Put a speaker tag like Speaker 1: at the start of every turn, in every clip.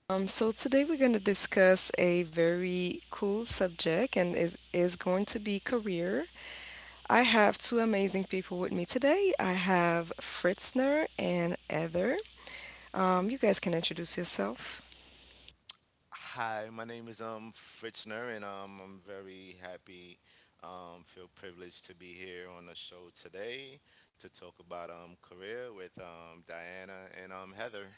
Speaker 1: So, today we're going to discuss a very cool subject and is going to be career. I have two amazing people with me today. I have Fritzner and Heather. You guys can introduce yourself.
Speaker 2: Hi, my name is Fritzner, and I'm very happy, feel privileged to be here on the show today to talk about career with Diana and Heather.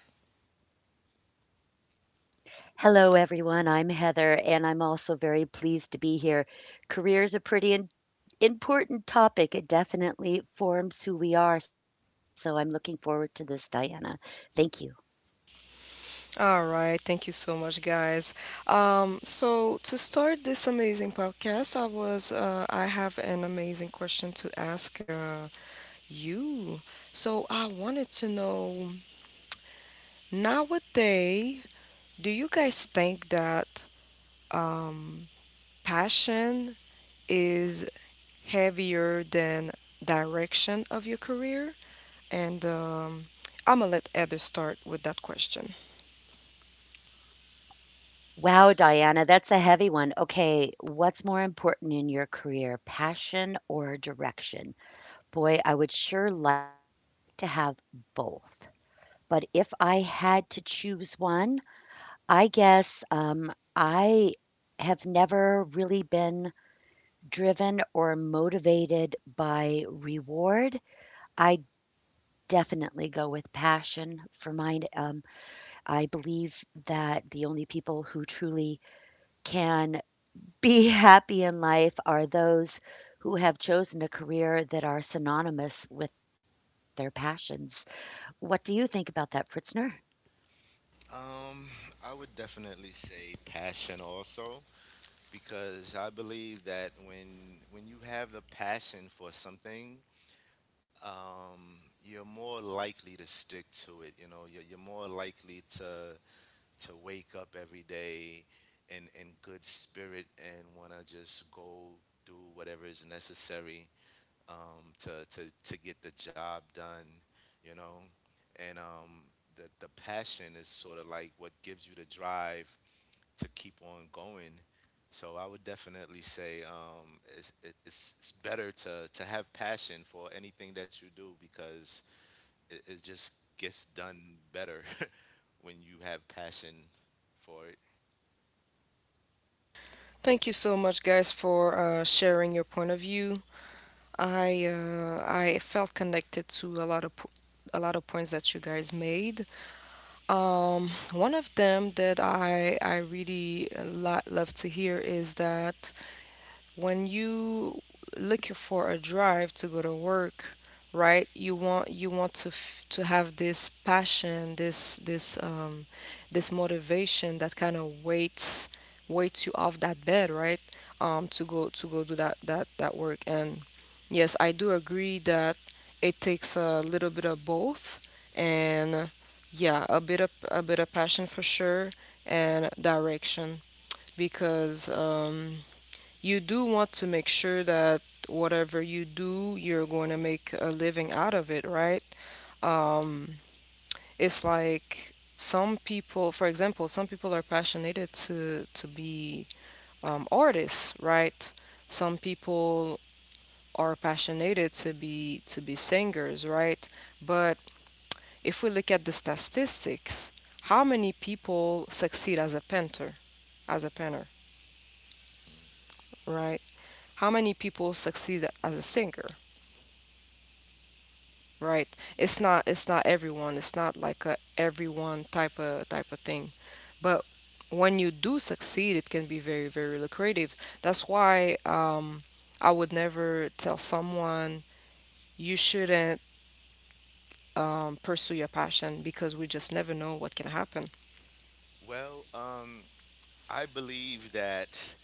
Speaker 3: Hello, everyone. I'm Heather, and I'm also very pleased to be here. Career is a pretty important topic. It definitely forms who we are. So I'm looking forward to this, Diana. Thank you.
Speaker 1: All right, thank you so much, guys. So to start this amazing podcast, I have an amazing question to ask you. So I wanted to know, nowadays, do you guys think that um, passion is heavier than direction of your career? And I'm gonna let Heather start with that question.
Speaker 3: Wow, Diana, that's a heavy one. Okay, what's more important in your career, passion or direction? Boy, I would sure like to have both. But if I had to choose one, I guess I have never really been driven or motivated by reward. I definitely go with passion for mine. I believe that the only people who truly can be happy in life are those who have chosen a career that are synonymous with their passions. What do you think about that, Fritzner?
Speaker 2: Um, I would definitely say passion also because I believe that when you have the passion for something, um, you're more likely to stick to it. You know, you're more likely to wake up every day in good spirit and want to just go do whatever is necessary to get the job done, you know? And um, the passion is sort of like what gives you the drive to keep on going. So I would definitely say it's better to, have passion for anything that you do because it just gets done better when you have passion for it.
Speaker 1: Thank you so much, guys, for sharing your point of view. I felt connected to a lot of points that you guys made. One of them that I really love to hear is that when you looking for a drive to go to work, right? You want to have this passion, this this motivation that kind of waits you off that bed, right? To go do that work. And yes, I do agree that it takes a little bit of both, and yeah, a bit of passion for sure, and direction, because you do want to make sure that whatever you do, you're going to make a living out of it, right? Um, it's like some people, for example, some people are passionate to be artists, right? Some people are passionate to be singers, right? But if we look at the statistics, how many people succeed as a painter, as a painter, right? How many people succeed as a singer? Right. It's not everyone. It's not like a everyone type of thing. But when you do succeed, it can be very, very lucrative. That's why I would never tell someone you shouldn't pursue your passion because we just never know what can happen.
Speaker 2: Well, um, I believe that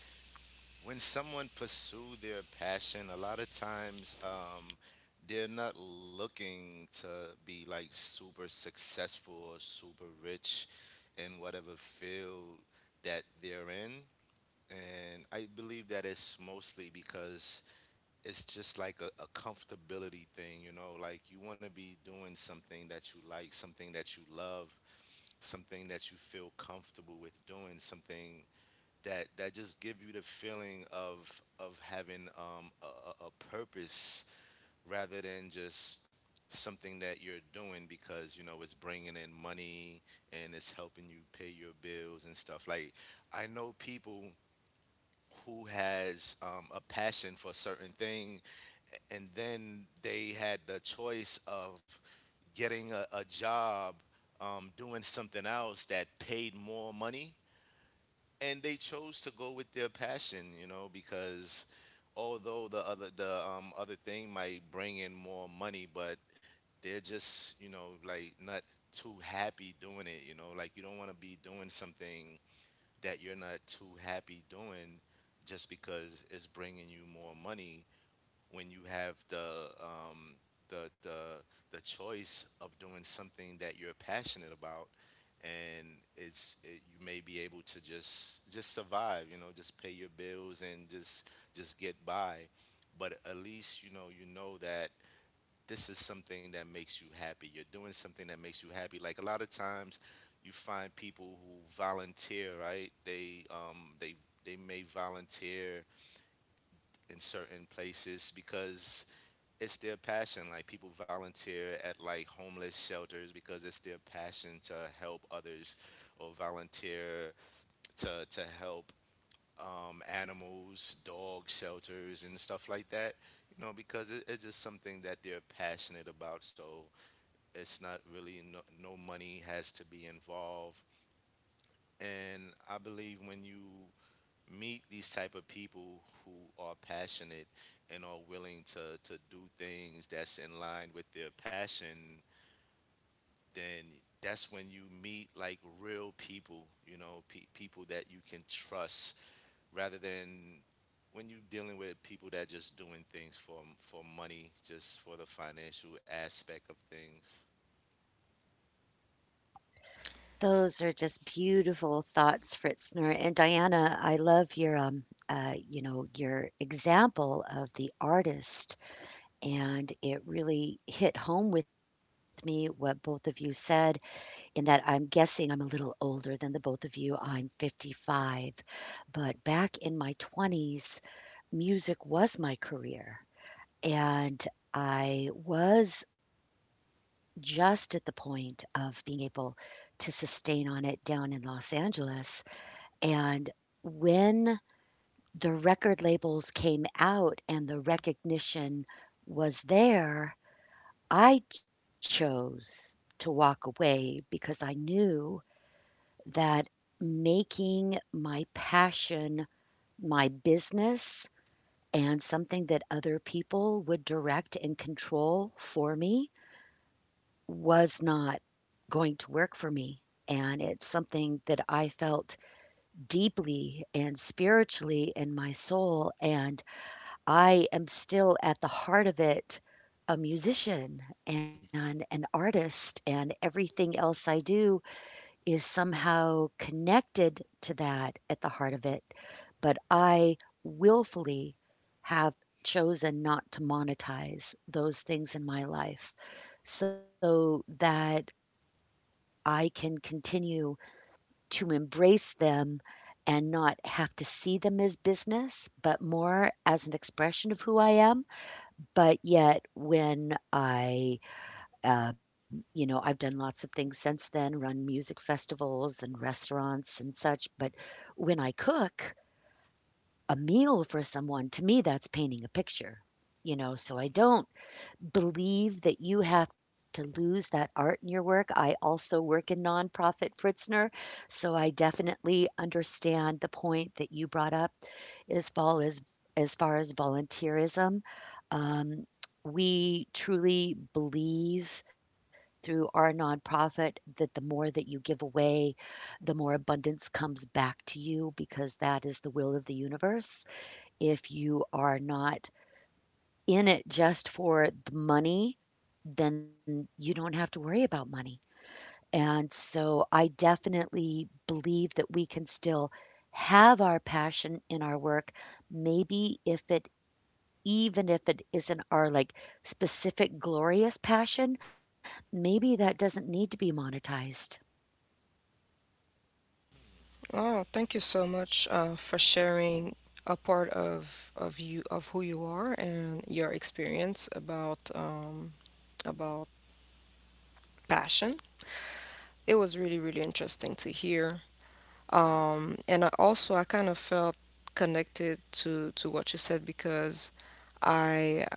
Speaker 2: when someone pursues their passion, a lot of times they're not looking to be like super successful or super rich in whatever field that they're in. And I believe that it's mostly because it's just like a comfortability thing, you know, like you want to be doing something that you like, something that you love, something that you feel comfortable with doing, something that just give you the feeling of having a purpose rather than just something that you're doing because you know it's bringing in money and it's helping you pay your bills and stuff like I know people who has a passion for certain things and then they had the choice of getting a job doing something else that paid more money and they chose to go with their passion, you know, because although the other thing might bring in more money, but they're just, you know, like not too happy doing it, you know, like you don't want to be doing something that you're not too happy doing just because it's bringing you more money when you have the the the the choice of doing something that you're passionate about, and you may be able to just survive, you know, just pay your bills and just get by. But at least you know that this is something that makes you happy. You're doing something that makes you happy. Like a lot of times, you find people who volunteer, right? They may volunteer in certain places because it's their passion. Like people volunteer at like homeless shelters because it's their passion to help others, or volunteer to help animals, dog shelters, and stuff like that. You know, because it's just something that they're passionate about. So it's not really no money has to be involved. And I believe when you meet these type of people who are passionate and are willing to do things that's in line with their passion, then that's when you meet like real people, you know, people that you can trust, rather than when you are dealing with people that just doing things for money, just for the financial aspect of things.
Speaker 3: Those are just beautiful thoughts, Fritzner. And Diana, I love your you know, your example of the artist, and it really hit home with me what both of you said, in that I'm guessing I'm a little older than the both of you. I'm 55, but back in my 20s, music was my career, and I was just at the point of being able to sustain on it down in Los Angeles. And when the record labels came out and the recognition was there, I chose to walk away because I knew that making my passion my business and something that other people would direct and control for me was not going to work for me. And it's something that I felt deeply and spiritually in my soul. And I am still at the heart of it a musician and an artist, and everything else I do is somehow connected to that at the heart of it. But I willfully have chosen not to monetize those things in my life so that I can continue to embrace them and not have to see them as business, but more as an expression of who I am. But yet when I, you know, I've done lots of things since then, run music festivals and restaurants and such, but when I cook a meal for someone, to me, that's painting a picture, you know, so I don't believe that you have to lose that art in your work. I also work in nonprofit, Fritzner, so I definitely understand the point that you brought up as far as as far as volunteerism. Um, we truly believe through our nonprofit that the more that you give away, the more abundance comes back to you because that is the will of the universe. If you are not in it just for the money, then you don't have to worry about money. And so I definitely believe that we can still have our passion in our work, maybe if it even if it isn't our like specific glorious passion, maybe that doesn't need to be monetized.
Speaker 1: Oh, thank you so much for sharing a part of you of who you are and your experience about passion. It was really, really interesting to hear.
Speaker 2: Yes.
Speaker 1: And I also I kind of felt connected to what you said because I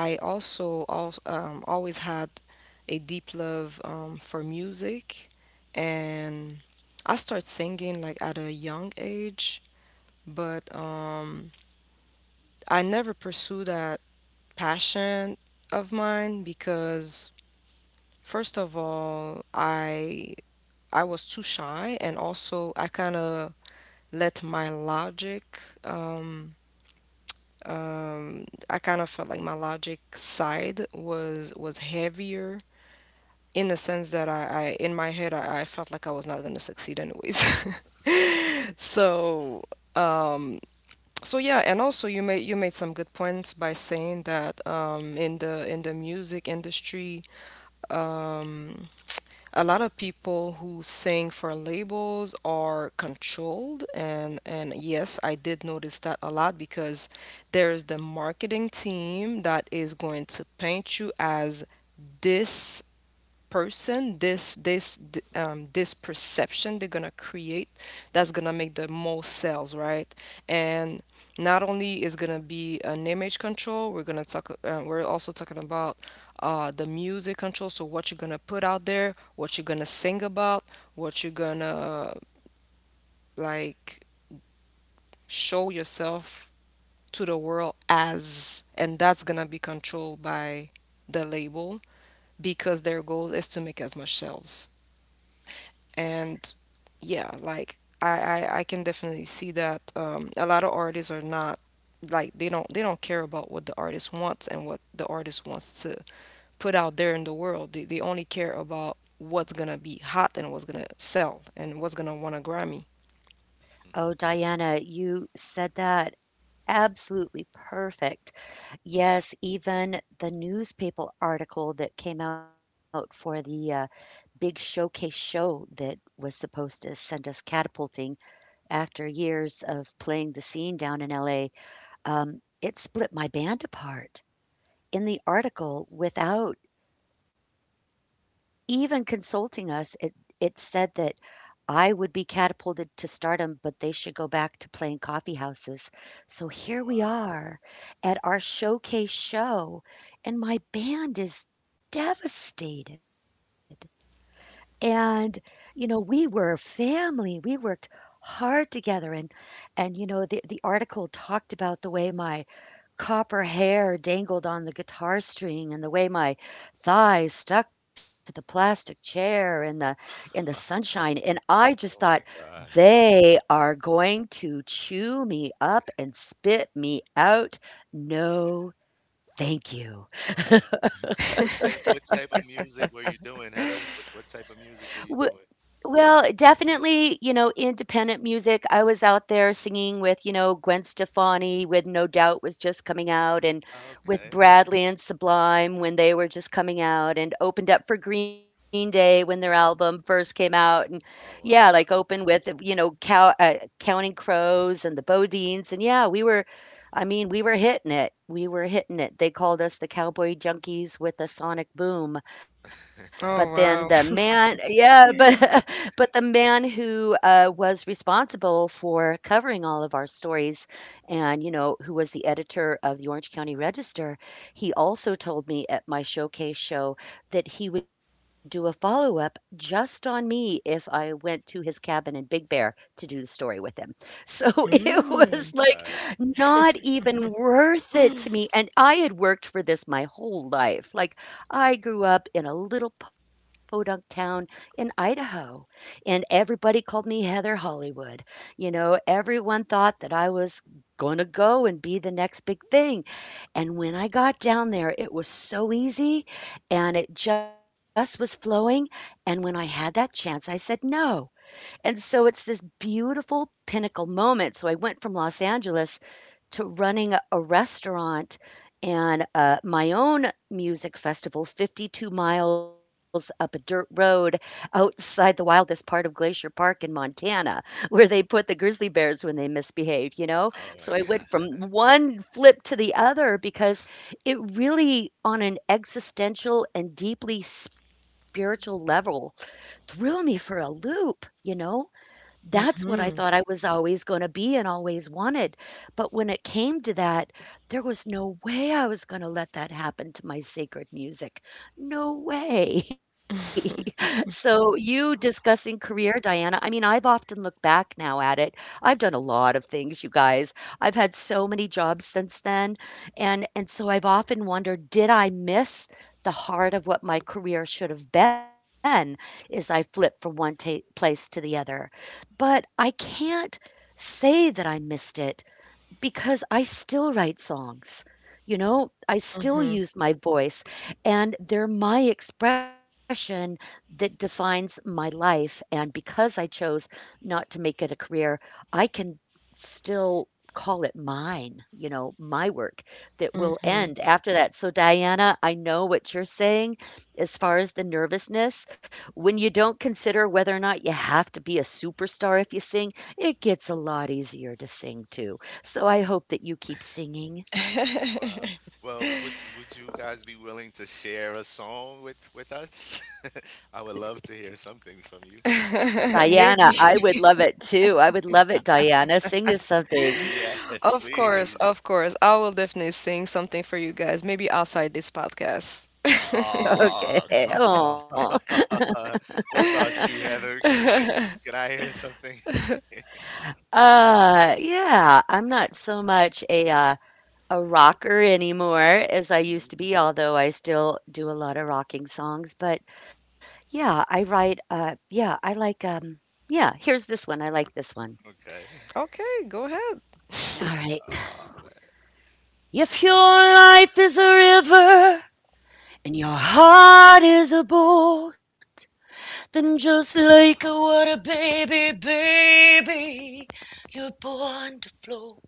Speaker 1: I also al always had a deep love for music, and I started singing like at a young age, but I never pursued that passion of mine because first of all, I was too shy, and also I kind of let my logic. I kind of felt like my logic side was heavier in the sense that I in my head I felt like I was not going to succeed anyways. so um, so yeah, and also you made some good points by saying that in the music industry, um, a lot of people who sing for labels are controlled, and yes, I did notice that a lot because there's the marketing team that is going to paint you as this person, this perception they're gonna create that's gonna make the most sales, right. And not only is gonna be an image control. We're also talking about the music control. So what you're gonna put out there, what you're gonna sing about, what you're gonna like show yourself to the world as, and that's gonna be controlled by the label because their goal is to make as much sales. And yeah, like I can definitely see that a lot of artists are not, like, they don't care about what the artist wants and what the artist wants to put out there in the world. They only care about what's gonna be hot and what's gonna sell and what's gonna want a Grammy.
Speaker 3: Oh, Diana, you said that absolutely perfect. Yes, even the newspaper article that came out for the big showcase show that was supposed to send us catapulting after years of playing the scene down in LA, it split my band apart. In the article, without even consulting us, it said that I would be catapulted to stardom, but they should go back to playing coffee houses. So
Speaker 2: Oh
Speaker 3: here we
Speaker 2: wow.
Speaker 3: are at our showcase show, and my band is devastated. And, you know, we were family. We worked hard together. And you know, the article talked about the way my copper hair dangled on the guitar string, and the way my thighs stuck to the plastic chair in the sunshine, and I just thought,
Speaker 2: Oh my God.
Speaker 3: "They are going to chew me up and spit me out. No, thank you."
Speaker 2: Wow. What type of music were you doing, Heather? What type of music were you doing?
Speaker 3: Well, definitely, you know, independent music. I was out there singing with, you know, Gwen Stefani, with No Doubt was just coming out, and with
Speaker 2: Okay.
Speaker 3: Bradley and Sublime when they were just coming out, and opened up for Green Day when their album first came out. And yeah,
Speaker 2: Oh
Speaker 3: like
Speaker 2: wow.
Speaker 3: open with, you know, Counting Crows and the Bodines. And yeah, we were hitting it. We were hitting it. They called us the Cowboy Junkies with a sonic boom. But then the
Speaker 1: Oh,
Speaker 3: man,
Speaker 1: wow.
Speaker 3: yeah, but but the man who was responsible for covering all of our stories, and you know, who was the editor of the Orange County Register, he also told me at my showcase show that he would do a follow up just on me if I went to his cabin in Big Bear to do the story with him. So it
Speaker 2: Oh
Speaker 3: was
Speaker 2: my
Speaker 1: Mm.
Speaker 3: like
Speaker 2: God.
Speaker 3: not even worth it to me. And I had worked for this my whole life. Like I grew up in a little podunk town in Idaho, and everybody called me Heather Hollywood. You know, everyone thought that I was going to go and be the next big thing. And when I got down there, it was so easy and it just was flowing. And when I had that chance, I said no. And so it's this beautiful pinnacle moment. So I went from Los Angeles to running a restaurant and my own music festival 52 miles up a dirt road outside the wildest part of Glacier Park in Montana, where they put the grizzly bears when they misbehave, you know?
Speaker 2: Oh
Speaker 3: So
Speaker 2: my
Speaker 3: I went
Speaker 2: God.
Speaker 3: from one flip to the other because it really, on an existential and deeply spiritual level, threw me for a loop, you know? That's what I thought I
Speaker 1: Mm-hmm.
Speaker 3: was always gonna be and always wanted, but when it came to that, there was no way I was gonna let that happen to my sacred music. No way. So, you discussing career, Diana, I mean, I've often looked back now at it. I've done a lot of things, you guys. I've had so many jobs since then, and so I've often wondered, did I miss the heart of what my career should have been as I flipped from one ta place to the other? But I can't say that I missed it, because I still write songs, you know? I still
Speaker 1: Mm-hmm.
Speaker 3: use my voice, and they're my expression that defines my life, and because I chose not to make it a career, I can still call it mine, you know, my work that will end after that. So, Diana, I know what you're saying as far as the nervousness. When you don't consider whether or not you have to be a superstar if you sing, it gets a lot easier to sing too. So I hope that you keep singing.
Speaker 2: Wow. Well, would you guys be willing to share a song with us? I would love to hear something from you.
Speaker 1: Mm-hmm.
Speaker 3: Diana, I
Speaker 1: Maybe.
Speaker 3: would love it too. I would love it, Diana. Sing us something.
Speaker 2: Yes,
Speaker 1: Of course,
Speaker 2: please.
Speaker 1: of course. I will definitely sing something for you guys, maybe outside this podcast.
Speaker 2: Oh,
Speaker 3: Okay.
Speaker 2: come on.
Speaker 3: Oh.
Speaker 2: What about you, Heather? Can can I hear something?
Speaker 3: Yeah, I'm not so much a rocker anymore as I
Speaker 2: Mhm.
Speaker 3: used to be, although I still do a lot of rocking songs. But yeah, I write yeah, I like yeah, here's this one. I like this one.
Speaker 2: Okay.
Speaker 1: Okay, go ahead.
Speaker 3: All right.
Speaker 2: Oh man.
Speaker 3: If your life is a river and your heart is a boat, then just like a water baby, baby, you're born to float.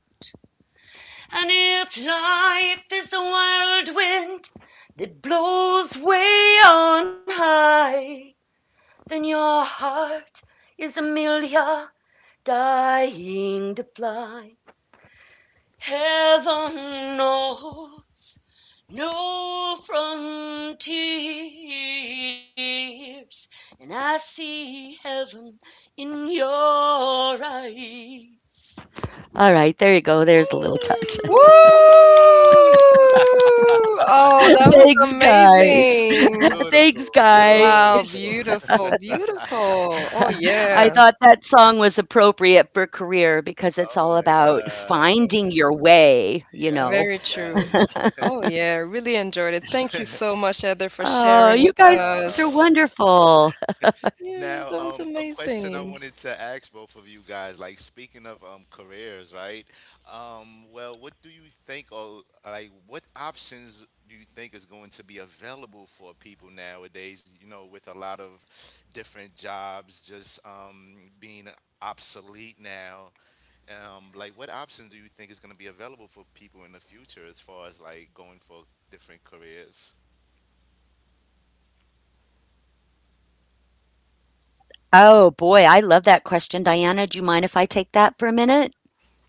Speaker 3: And if life is a wild wind that blows way on high, then your heart is a million dying to fly. Heaven knows no frontiers, and I see heaven in your eyes. All right, there you go. There's a
Speaker 2: Woo!
Speaker 3: little touch.
Speaker 1: Woo! Oh, that was
Speaker 3: Thanks, guys.
Speaker 1: amazing.
Speaker 2: Beautiful,
Speaker 3: Thanks, guys.
Speaker 1: Wow,
Speaker 2: beautiful.
Speaker 1: beautiful, beautiful. Oh,
Speaker 3: I thought
Speaker 1: yeah,
Speaker 3: that song was appropriate for career because it's all
Speaker 2: Oh my
Speaker 3: about
Speaker 2: God.
Speaker 3: finding your way, you
Speaker 2: Yes,
Speaker 3: know.
Speaker 1: very true.
Speaker 2: yes.
Speaker 1: Oh, yeah, really enjoyed it. Thank you so much, Heather, for
Speaker 3: Oh,
Speaker 1: sharing
Speaker 3: you
Speaker 1: with
Speaker 3: guys are
Speaker 2: Wow.
Speaker 1: us.
Speaker 3: wonderful.
Speaker 1: Yeah,
Speaker 2: Now,
Speaker 1: that was
Speaker 2: a question I
Speaker 1: amazing.
Speaker 2: wanted to ask both of you guys, like speaking of careers, right? Well, what do you think, or like, what options do you think is going to be available for people nowadays? You know, with a lot of different jobs just being obsolete now. Like, what options do you think is going to be available for people in the future as far as like going for different careers?
Speaker 3: Oh, boy, I love that question, Diana. Do you mind if I take that for a minute?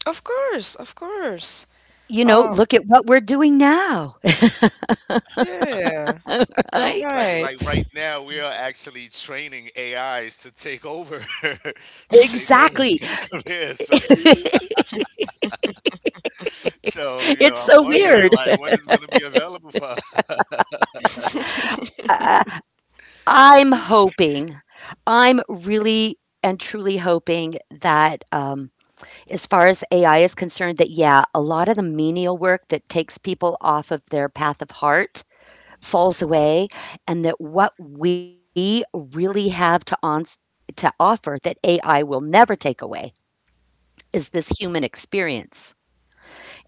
Speaker 1: Of course, of course.
Speaker 3: You know,
Speaker 1: Uh,
Speaker 3: look at what we're doing now,
Speaker 1: yeah,
Speaker 2: Well,
Speaker 3: right?
Speaker 2: like
Speaker 1: right.
Speaker 2: right now, we are actually training AIs to take over, to take over,
Speaker 3: Exactly.
Speaker 2: his career. So, so you know, I'm
Speaker 3: It's so
Speaker 2: wondering like
Speaker 3: weird.
Speaker 2: what is going to be available for us.
Speaker 3: Uh, I'm hoping, I'm really and truly hoping that, as far as AI is concerned, that yeah, a lot of the menial work that takes people off of their path of heart
Speaker 2: Mm.
Speaker 3: falls away and that what we really have to ons to offer that AI will never take away is this human experience.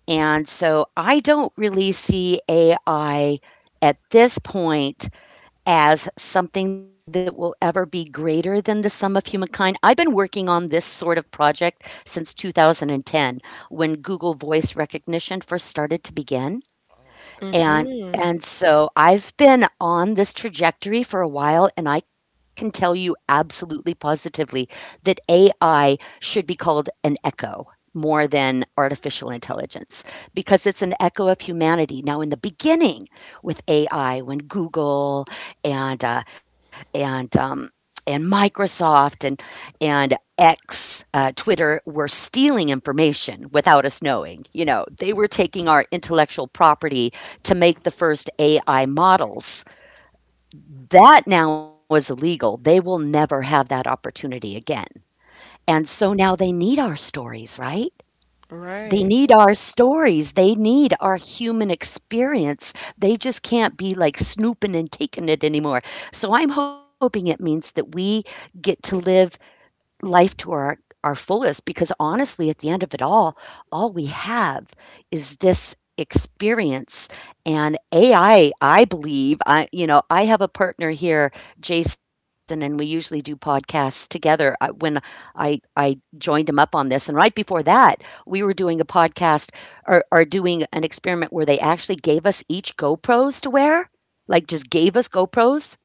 Speaker 3: And so I don't really see AI at this point as something that will ever be greater than the sum of humankind. I've been working on this sort of project since 2010 when Google voice recognition first started to begin.
Speaker 2: Oh, okay.
Speaker 3: And
Speaker 1: Mm-hmm.
Speaker 3: and so I've been on this trajectory for a while, and I can tell you absolutely positively that AI should be called an echo more than artificial intelligence because it's an echo of humanity. Now, in the beginning with AI, when Google and uh, and um, and Microsoft and X, Twitter were stealing information without us knowing. You know,
Speaker 2: Mm.
Speaker 3: they were taking our intellectual property to make the first AI models. That now is illegal. They will never have that opportunity again. And so now they need our stories, right? They
Speaker 1: Right.
Speaker 3: need our stories. They need our human experience. They just can't be like snooping and taking it anymore. So I'm hoping it means that we get to live life to our fullest because honestly at the end of it all we have is this experience. And AI, I believe, I you know I have a partner here, Jason, and we usually do podcasts together. When I joined him up on this and right before that we were doing a podcast or doing an experiment where they actually gave us each GoPro's to wear, like just gave us GoPro's.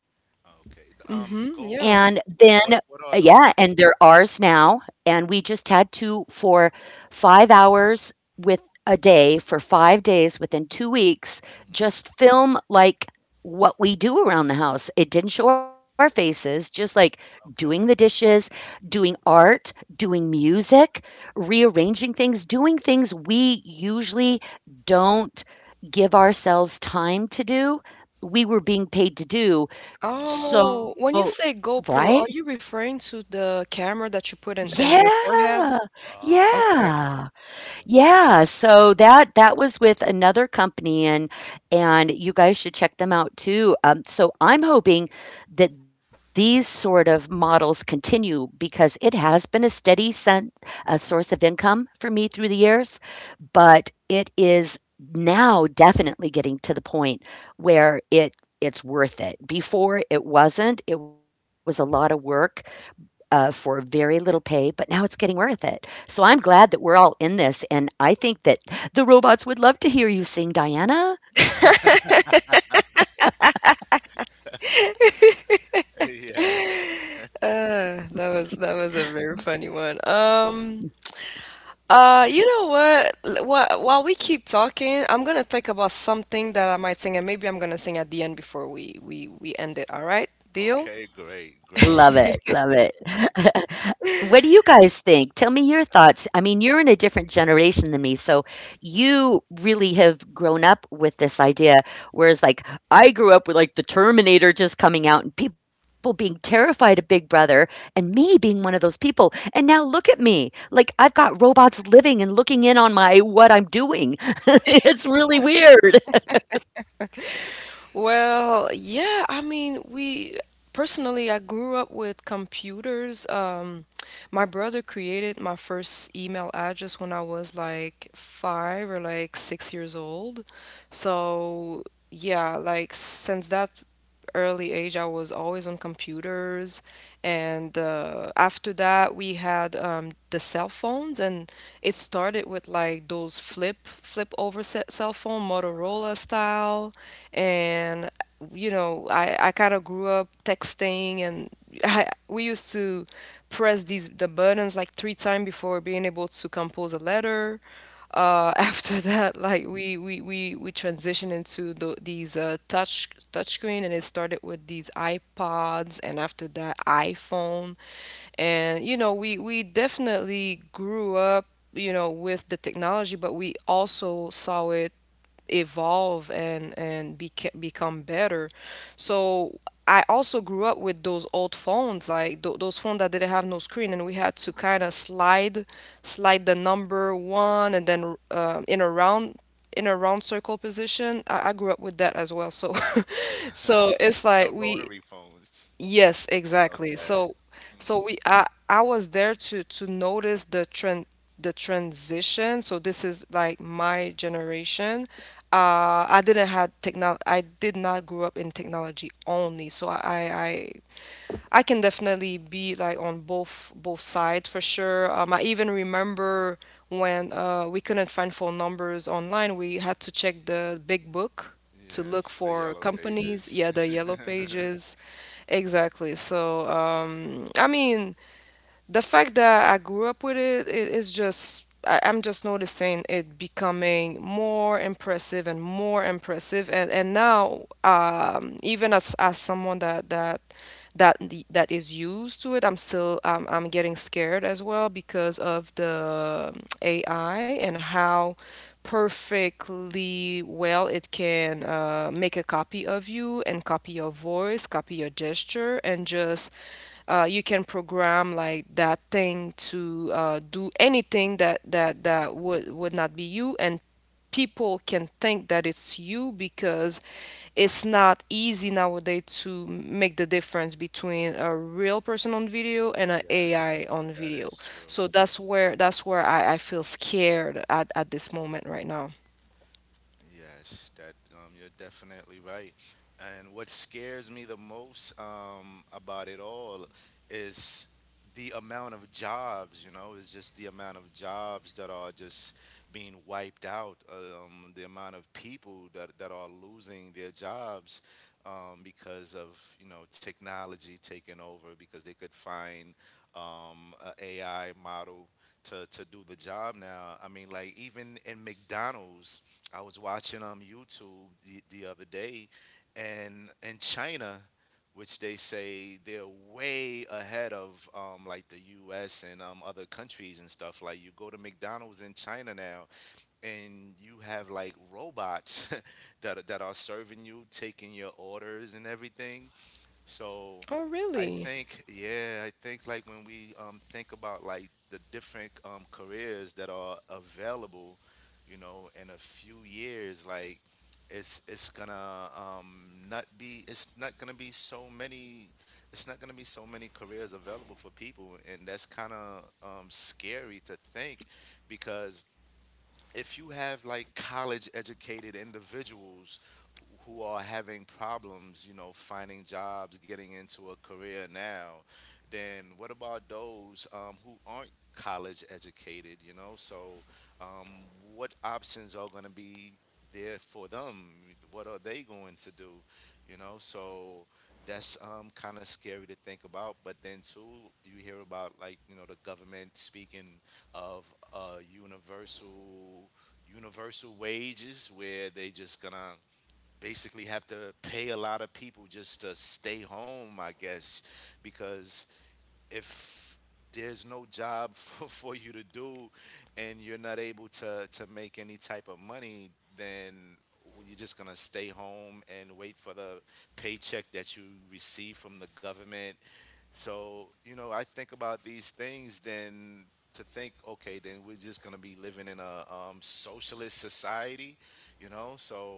Speaker 2: Okay.
Speaker 3: And
Speaker 1: Mm-hmm. Yeah.
Speaker 3: then
Speaker 2: GoPros. What what are
Speaker 3: yeah, and
Speaker 2: those?
Speaker 3: they're ours now. And we just had to, for 5 hours with, a day for 5 days within 2 weeks,
Speaker 2: Hmm.
Speaker 3: just film like what we do around the house. It didn't show our faces, just like doing the
Speaker 2: Okay.
Speaker 3: dishes, doing art, doing music, rearranging things, doing things we usually don't give ourselves time to do. We were being paid to do,
Speaker 2: Oh wow.
Speaker 3: so,
Speaker 1: Oh, when you say
Speaker 3: right?
Speaker 1: GoPro, are you referring to the camera that you put in your forehead?
Speaker 3: Yeah.
Speaker 2: Oh.
Speaker 1: Okay.
Speaker 3: Yeah.
Speaker 2: Okay.
Speaker 3: Yeah, so that was with another company. And you guys should check them out too. So I'm hoping that these sort of models continue because it has been a steady source of income for me through the years, but it is now definitely getting to the point where it's worth it. Before it wasn't. It was a lot of work, for very little pay, but now it's getting worth it. So I'm glad that we're all in this. And I think that the robots would love to hear you sing, Diana.
Speaker 2: Yes.
Speaker 1: That was a very funny one. You know what? While we keep talking, I'm gonna think about something that I might sing, and maybe I'm gonna sing at the end before we end it. All right? Deal?
Speaker 2: Okay. Great. Great.
Speaker 3: Love it. Love
Speaker 2: Great.
Speaker 3: it.
Speaker 2: Perfect.
Speaker 3: What do you guys think? Tell me your thoughts. I mean, you're in a different generation than me, so you really have grown up with this idea. Whereas, like, I grew up with like the Terminator just coming out and people being terrified of Big Brother, and me being one of those people. And now look at me. Like, I've got robots living and looking in on my what I'm doing. It's really weird.
Speaker 1: Well, yeah, I mean, we personally, I grew up with computers. My brother created my first email address when I was like 5 or like 6 years old. So, yeah, like since that early age, I was always on computers. And after that, we had the cell phones, and it started with like those flip over cell phone, Motorola style. And you know, I kind of grew up texting, and we used to press the buttons like three times before being able to compose a letter. After that, like we transitioned into these touch touchscreen, and it started with these iPods, and after that iPhone, and you know, we definitely grew up, you know, with the technology, but we also saw it evolve and become better. So I also grew up with those old phones, like those phones that didn't have no screen, and we had to kind of slide the number one, and then in a round circle position. I grew up with that as well. So it's like
Speaker 2: The
Speaker 1: we.
Speaker 2: rotary phones.
Speaker 1: Yes, exactly.
Speaker 2: Okay.
Speaker 1: So, so we I was there to notice the transition. So this is like my generation. I didn't had technology. I did not grow up in technology only. So I can definitely be like on both sides for sure. I even remember when we couldn't find phone numbers online. We had to check the big book to look
Speaker 2: Yes, the
Speaker 1: for
Speaker 2: yellow
Speaker 1: companies.
Speaker 2: pages.
Speaker 1: Yeah, the yellow pages. Exactly. So, I mean, the fact that I grew up with it, is just I'm just noticing it becoming more impressive and more impressive. And now even as someone that is used to it, I'm getting scared as well because of the AI and how perfectly well it can make a copy of you and copy your voice, copy your gesture, and just you can program like that thing to do anything that would not be you, and people can think that it's you because it's not easy nowadays to make the difference between a real person on video and an
Speaker 2: Yes,
Speaker 1: AI on
Speaker 2: that
Speaker 1: video.
Speaker 2: is true.
Speaker 1: So that's where I feel scared at this moment right now.
Speaker 2: Yes, that you're definitely right. And what scares me the most about it all is the amount of jobs. You know, it's just the amount of jobs that are just being wiped out. The amount of people that are losing their jobs because of, you know, technology taking over because they could find um, a AI model to do the job now. I mean, like even in McDonald's, I was watching YouTube the other day, and in China, which they say they're way ahead of like the U.S. and other countries and stuff. Like you go to McDonald's in China now, and you have like robots that are serving you, taking your orders and everything. So
Speaker 1: Oh,
Speaker 2: I
Speaker 1: really?
Speaker 2: think, yeah, I think like when we think about like the different careers that are available, you know, in a few years, like it's gonna not be it's not gonna be so many, careers available for people, and that's kind of scary to think because if you have like college educated individuals who are having problems, you know, finding jobs, getting into a career now, then what about those who aren't college educated, you know? So, what options are going to be there for them? What are they going to do, you know? So, that's kind of scary to think about. But then, too, you hear about like, you know, the government speaking of universal wages, where they just gonna basically have to pay a lot of people just to stay home, I guess, because if there's no job for, you to do, and you're not able to, make any type of money, then you're just going to stay home and wait for the paycheck that you receive from the government. So, you know, I think about these things then to think, okay, then we're just going to be living in a socialist society, you know? So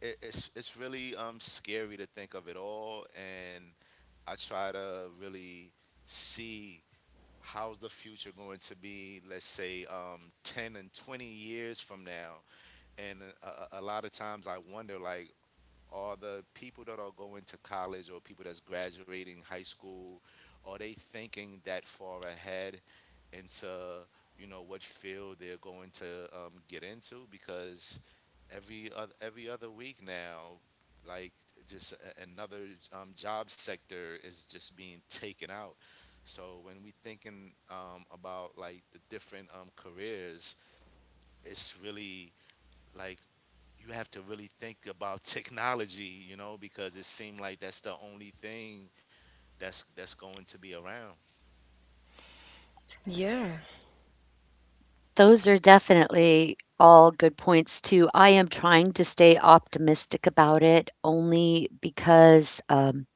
Speaker 2: it's really scary to think of it all. And I try to really see how's the future going to be, let's say, 10 and 20 years from now. And a lot of times I wonder, like, are the people that are going to college or people that's graduating high school, are they thinking that far ahead into, you know, what field they're going to get into, because every other week now, like just another job sector is just being taken out. So when we thinking about like the different careers, it's really like you have to really think about technology, you know, because it seemed like that's the only thing that's going to be around.
Speaker 1: Yeah.
Speaker 3: Those are definitely all good points too. I am trying to stay optimistic about it only because,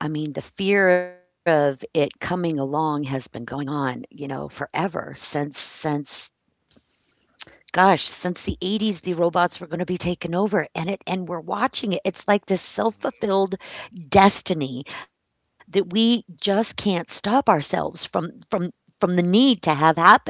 Speaker 3: I mean, the fear of it coming along has been going on, you know, forever since gosh, since the 80s, the robots were going to be taken over, and it, and we're watching it. It's like this
Speaker 2: Mhm.
Speaker 3: self-fulfilled destiny that we just can't stop ourselves from the need to have happen.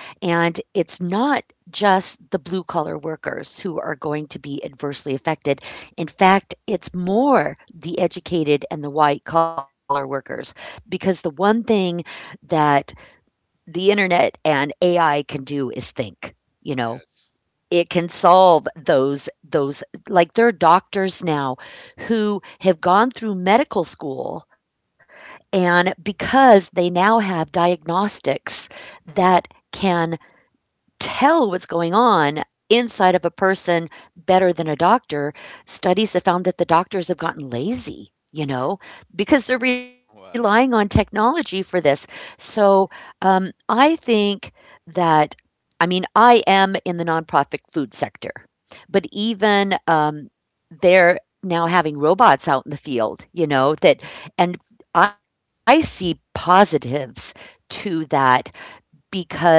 Speaker 3: And it's not just the blue collar workers who are going to be adversely affected. In fact, it's more the educated and the white collar workers. Because the one thing that the internet and AI can do is think, you know,
Speaker 2: Yes.
Speaker 3: it can solve those, like there are doctors now who have gone through medical school, and because they now have diagnostics that can tell what's going on inside of a person better than a doctor. Studies have found that the doctors have gotten lazy, you know, because they're relying on
Speaker 2: Wow.
Speaker 3: technology for this. So I think that, I mean, I am in the nonprofit food sector, but even they're now having robots out in the field, you know, that, and I see positives to that because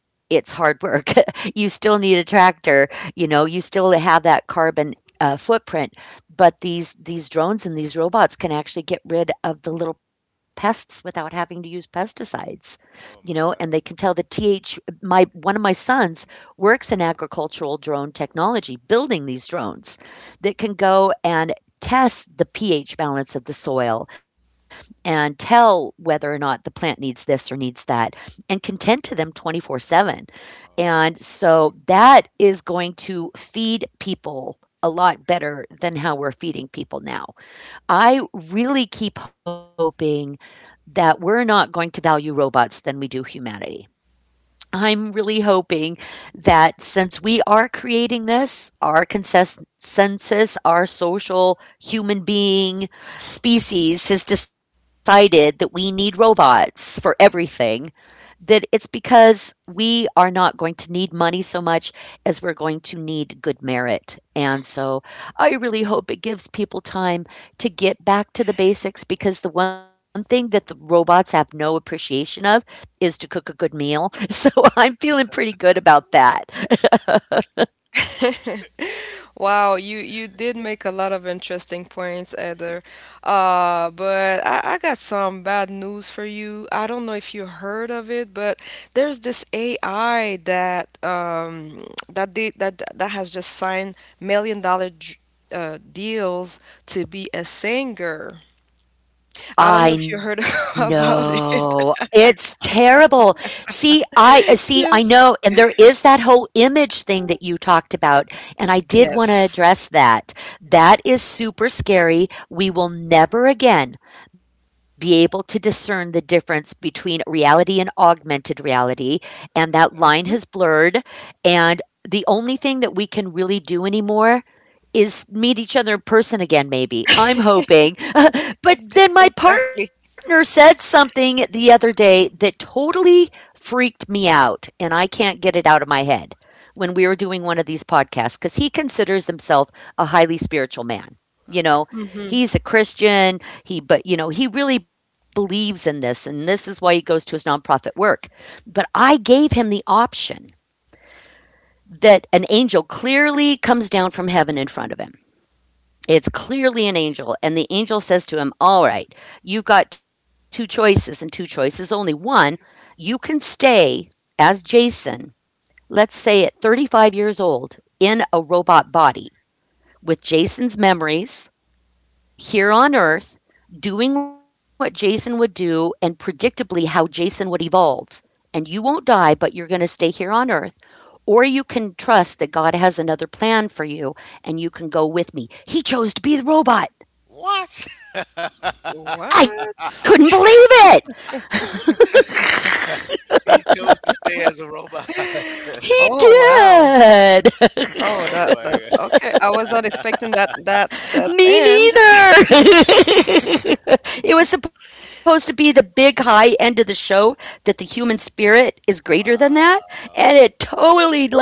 Speaker 3: it's hard work. You still need a tractor, you know, you still have that carbon, footprint, but these drones and these robots can actually get rid of the little pests without having to use pesticides, you know,
Speaker 2: Oh
Speaker 3: and they
Speaker 2: my
Speaker 3: can tell the
Speaker 2: God.
Speaker 3: TH, my one of my sons works in agricultural drone technology, building these drones that can go and test the pH balance of the soil and tell whether or not the plant needs this or needs that, and can tend to them 24/7.
Speaker 2: Oh
Speaker 3: And so that is going to feed people a lot better than how we're feeding people now. I really keep hoping that we're not going to value robots than we do humanity. I'm really hoping that since we are creating this, our consensus, our social human being species has decided that we need robots for everything, that it's because we are not going to need money so much as we're going to need good merit. And so I really hope it gives people time to get back to the basics, because the one thing that the robots have no appreciation of is to cook a good meal. So I'm feeling pretty good about that.
Speaker 1: Wow, you did make a lot of interesting points, Heather. But I got some bad news for you. I don't know if you heard of it, but there's this AI that that did that that has just signed million dollar deals to be a singer. I don't know
Speaker 3: I
Speaker 1: if you heard
Speaker 3: know.
Speaker 1: about it.
Speaker 3: It's terrible. See, I, see, I know,
Speaker 1: Yes.
Speaker 3: and there is that whole image thing that you talked about, and I did want to
Speaker 1: Yes.
Speaker 3: address that. That is super scary. We will never again be able to discern the difference between reality and augmented reality, and that line has
Speaker 1: Mhm.
Speaker 3: blurred, and the only thing that we can really do anymore is meet each other in person again, maybe. I'm hoping. But then my partner
Speaker 1: Exactly.
Speaker 3: said something the other day that totally freaked me out, and I can't get it out of my head. When we were doing one of these podcasts, because he considers himself a highly spiritual man.
Speaker 2: God.
Speaker 3: You
Speaker 2: Uh-huh.
Speaker 3: know,
Speaker 1: Hmm.
Speaker 3: he's a Christian. He, but you know, he really believes in this, and this is why he goes to his nonprofit work. But I gave him the option that an angel clearly comes down from heaven in front of him, it's clearly an angel. And the angel says to him, "All right, you've got two choices and two choices only. One, you can stay as Jason, let's say at 35 years old, in a robot body with Jason's memories here on Earth, doing what Jason would do and predictably how Jason would evolve. And you won't die, but you're going to stay here on Earth. Or you can trust that God has another plan for you and you can go with me." He chose to be the robot.
Speaker 2: What?
Speaker 3: I
Speaker 1: What?
Speaker 3: couldn't believe it.
Speaker 2: He chose to stay as a robot.
Speaker 3: He
Speaker 1: Oh, wow.
Speaker 3: did.
Speaker 1: Oh,
Speaker 2: Oh
Speaker 1: that
Speaker 2: my
Speaker 1: that's
Speaker 2: God.
Speaker 1: okay. I was not expecting that that that
Speaker 3: Me
Speaker 1: end.
Speaker 3: neither. It was supposed to be the big high end of the show, that the human spirit is greater than that, and it
Speaker 2: Wow.
Speaker 3: totally like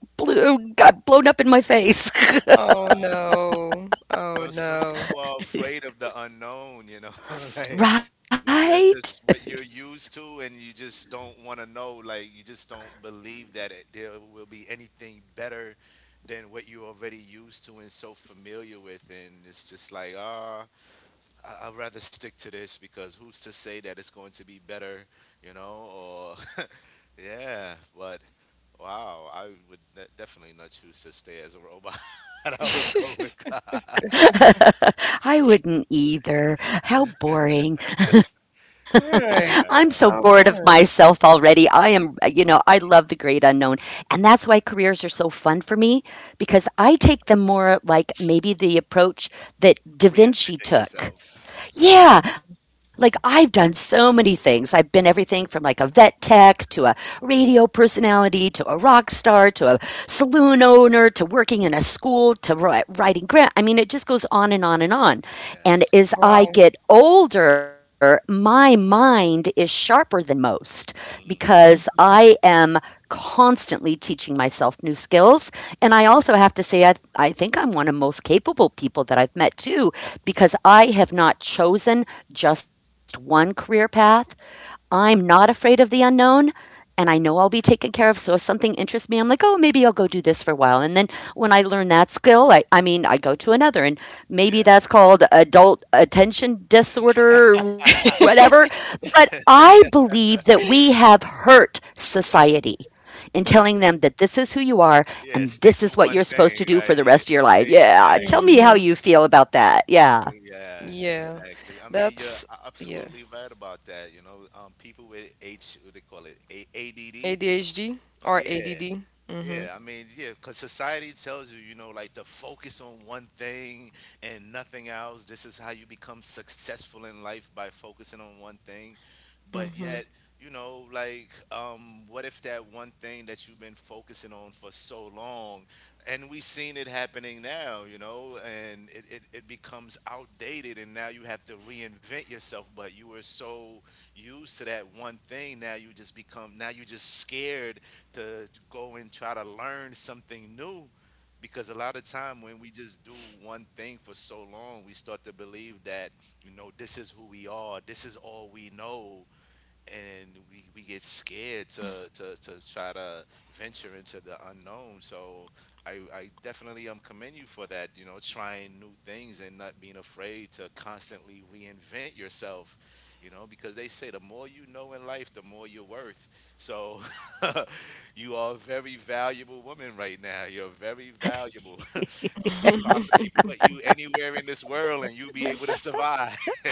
Speaker 3: blew, got blown up in my face.
Speaker 1: Oh
Speaker 2: Wow.
Speaker 1: no. Oh
Speaker 2: Well, some
Speaker 1: no.
Speaker 2: people are afraid of the unknown, you know. Like when
Speaker 3: Right?
Speaker 2: you're just what you're used to and you just don't want to know, like you just don't believe that there will be anything better than what you're already used to and so familiar with, and it's just like, ah, I'd rather stick to this because who's to say that it's going to be better, you know? Or yeah, but wow, I would definitely not choose to stay as a robot. I would go with God.
Speaker 3: I wouldn't either. How boring. I'm so
Speaker 1: Right.
Speaker 3: bored
Speaker 2: Yeah.
Speaker 3: of
Speaker 1: How
Speaker 3: myself
Speaker 1: boring.
Speaker 3: already. I am, you know, I love the great unknown. And that's why careers are so fun for me, because I take them more like maybe the approach that Da Vinci
Speaker 2: Reinventing
Speaker 3: took.
Speaker 2: yourself.
Speaker 3: Yeah, like I've done so many things. I've been everything from like a vet tech to a
Speaker 2: Mhm.
Speaker 3: radio personality to a rock star to a saloon owner to working in a school to writing grant. I mean, it just goes on and on and on. And
Speaker 2: Yes.
Speaker 3: as I
Speaker 1: Wow.
Speaker 3: get older, my mind is sharper than most
Speaker 2: Mm.
Speaker 3: because I am constantly teaching myself new skills. And I also have to say, I think I'm one of the most capable people that I've met too, because I have not chosen just one career path. I'm not afraid of the unknown, and I know I'll be taken care of. So if something interests me, I'm like, oh, maybe I'll go do this for a while. And then when I learn that skill, I mean, I go to another. And maybe
Speaker 2: Yes.
Speaker 3: that's called adult attention disorder or whatever. But I believe that we have hurt society in telling them that this is who you are
Speaker 2: Yeah,
Speaker 3: and
Speaker 2: stick to
Speaker 3: this is
Speaker 2: one
Speaker 3: what you're supposed
Speaker 2: thing.
Speaker 3: to do
Speaker 2: Like
Speaker 3: for the rest of your life. Yeah. Tell
Speaker 2: exactly.
Speaker 3: me
Speaker 1: Mm-hmm.
Speaker 3: how you feel about that. Yeah.
Speaker 2: Yeah,
Speaker 1: Yeah.
Speaker 2: exactly. I mean, you're
Speaker 1: That's Yeah.
Speaker 2: absolutely right about that. You know, people with H, what they call it, ADD.
Speaker 1: ADHD or
Speaker 2: Yeah.
Speaker 1: ADD. Mm-hmm.
Speaker 2: Yeah, I mean, yeah, because society tells you, you know, like to focus on one thing and nothing else. This is how you become successful in life by focusing on one thing. But yet, you know, like, what if that one thing that you've been focusing on for so long, and we seen it happening now, you know, and it becomes outdated, and now you have to reinvent yourself. But you were so used to that one thing, now you just become, now you're just scared to go and try to learn something new, because a lot of time when we just do one thing for so long we start to believe that, you know, this is who we are, this is all we know, and we get scared to try to venture into the unknown. So I definitely commend you for that, you know, trying new things and not being afraid to constantly reinvent yourself, you know, because they say the more you know in life, the more you're worth. So you are a very valuable woman right now. You're very valuable. They could possibly put you anywhere in this world and you'll be able to survive.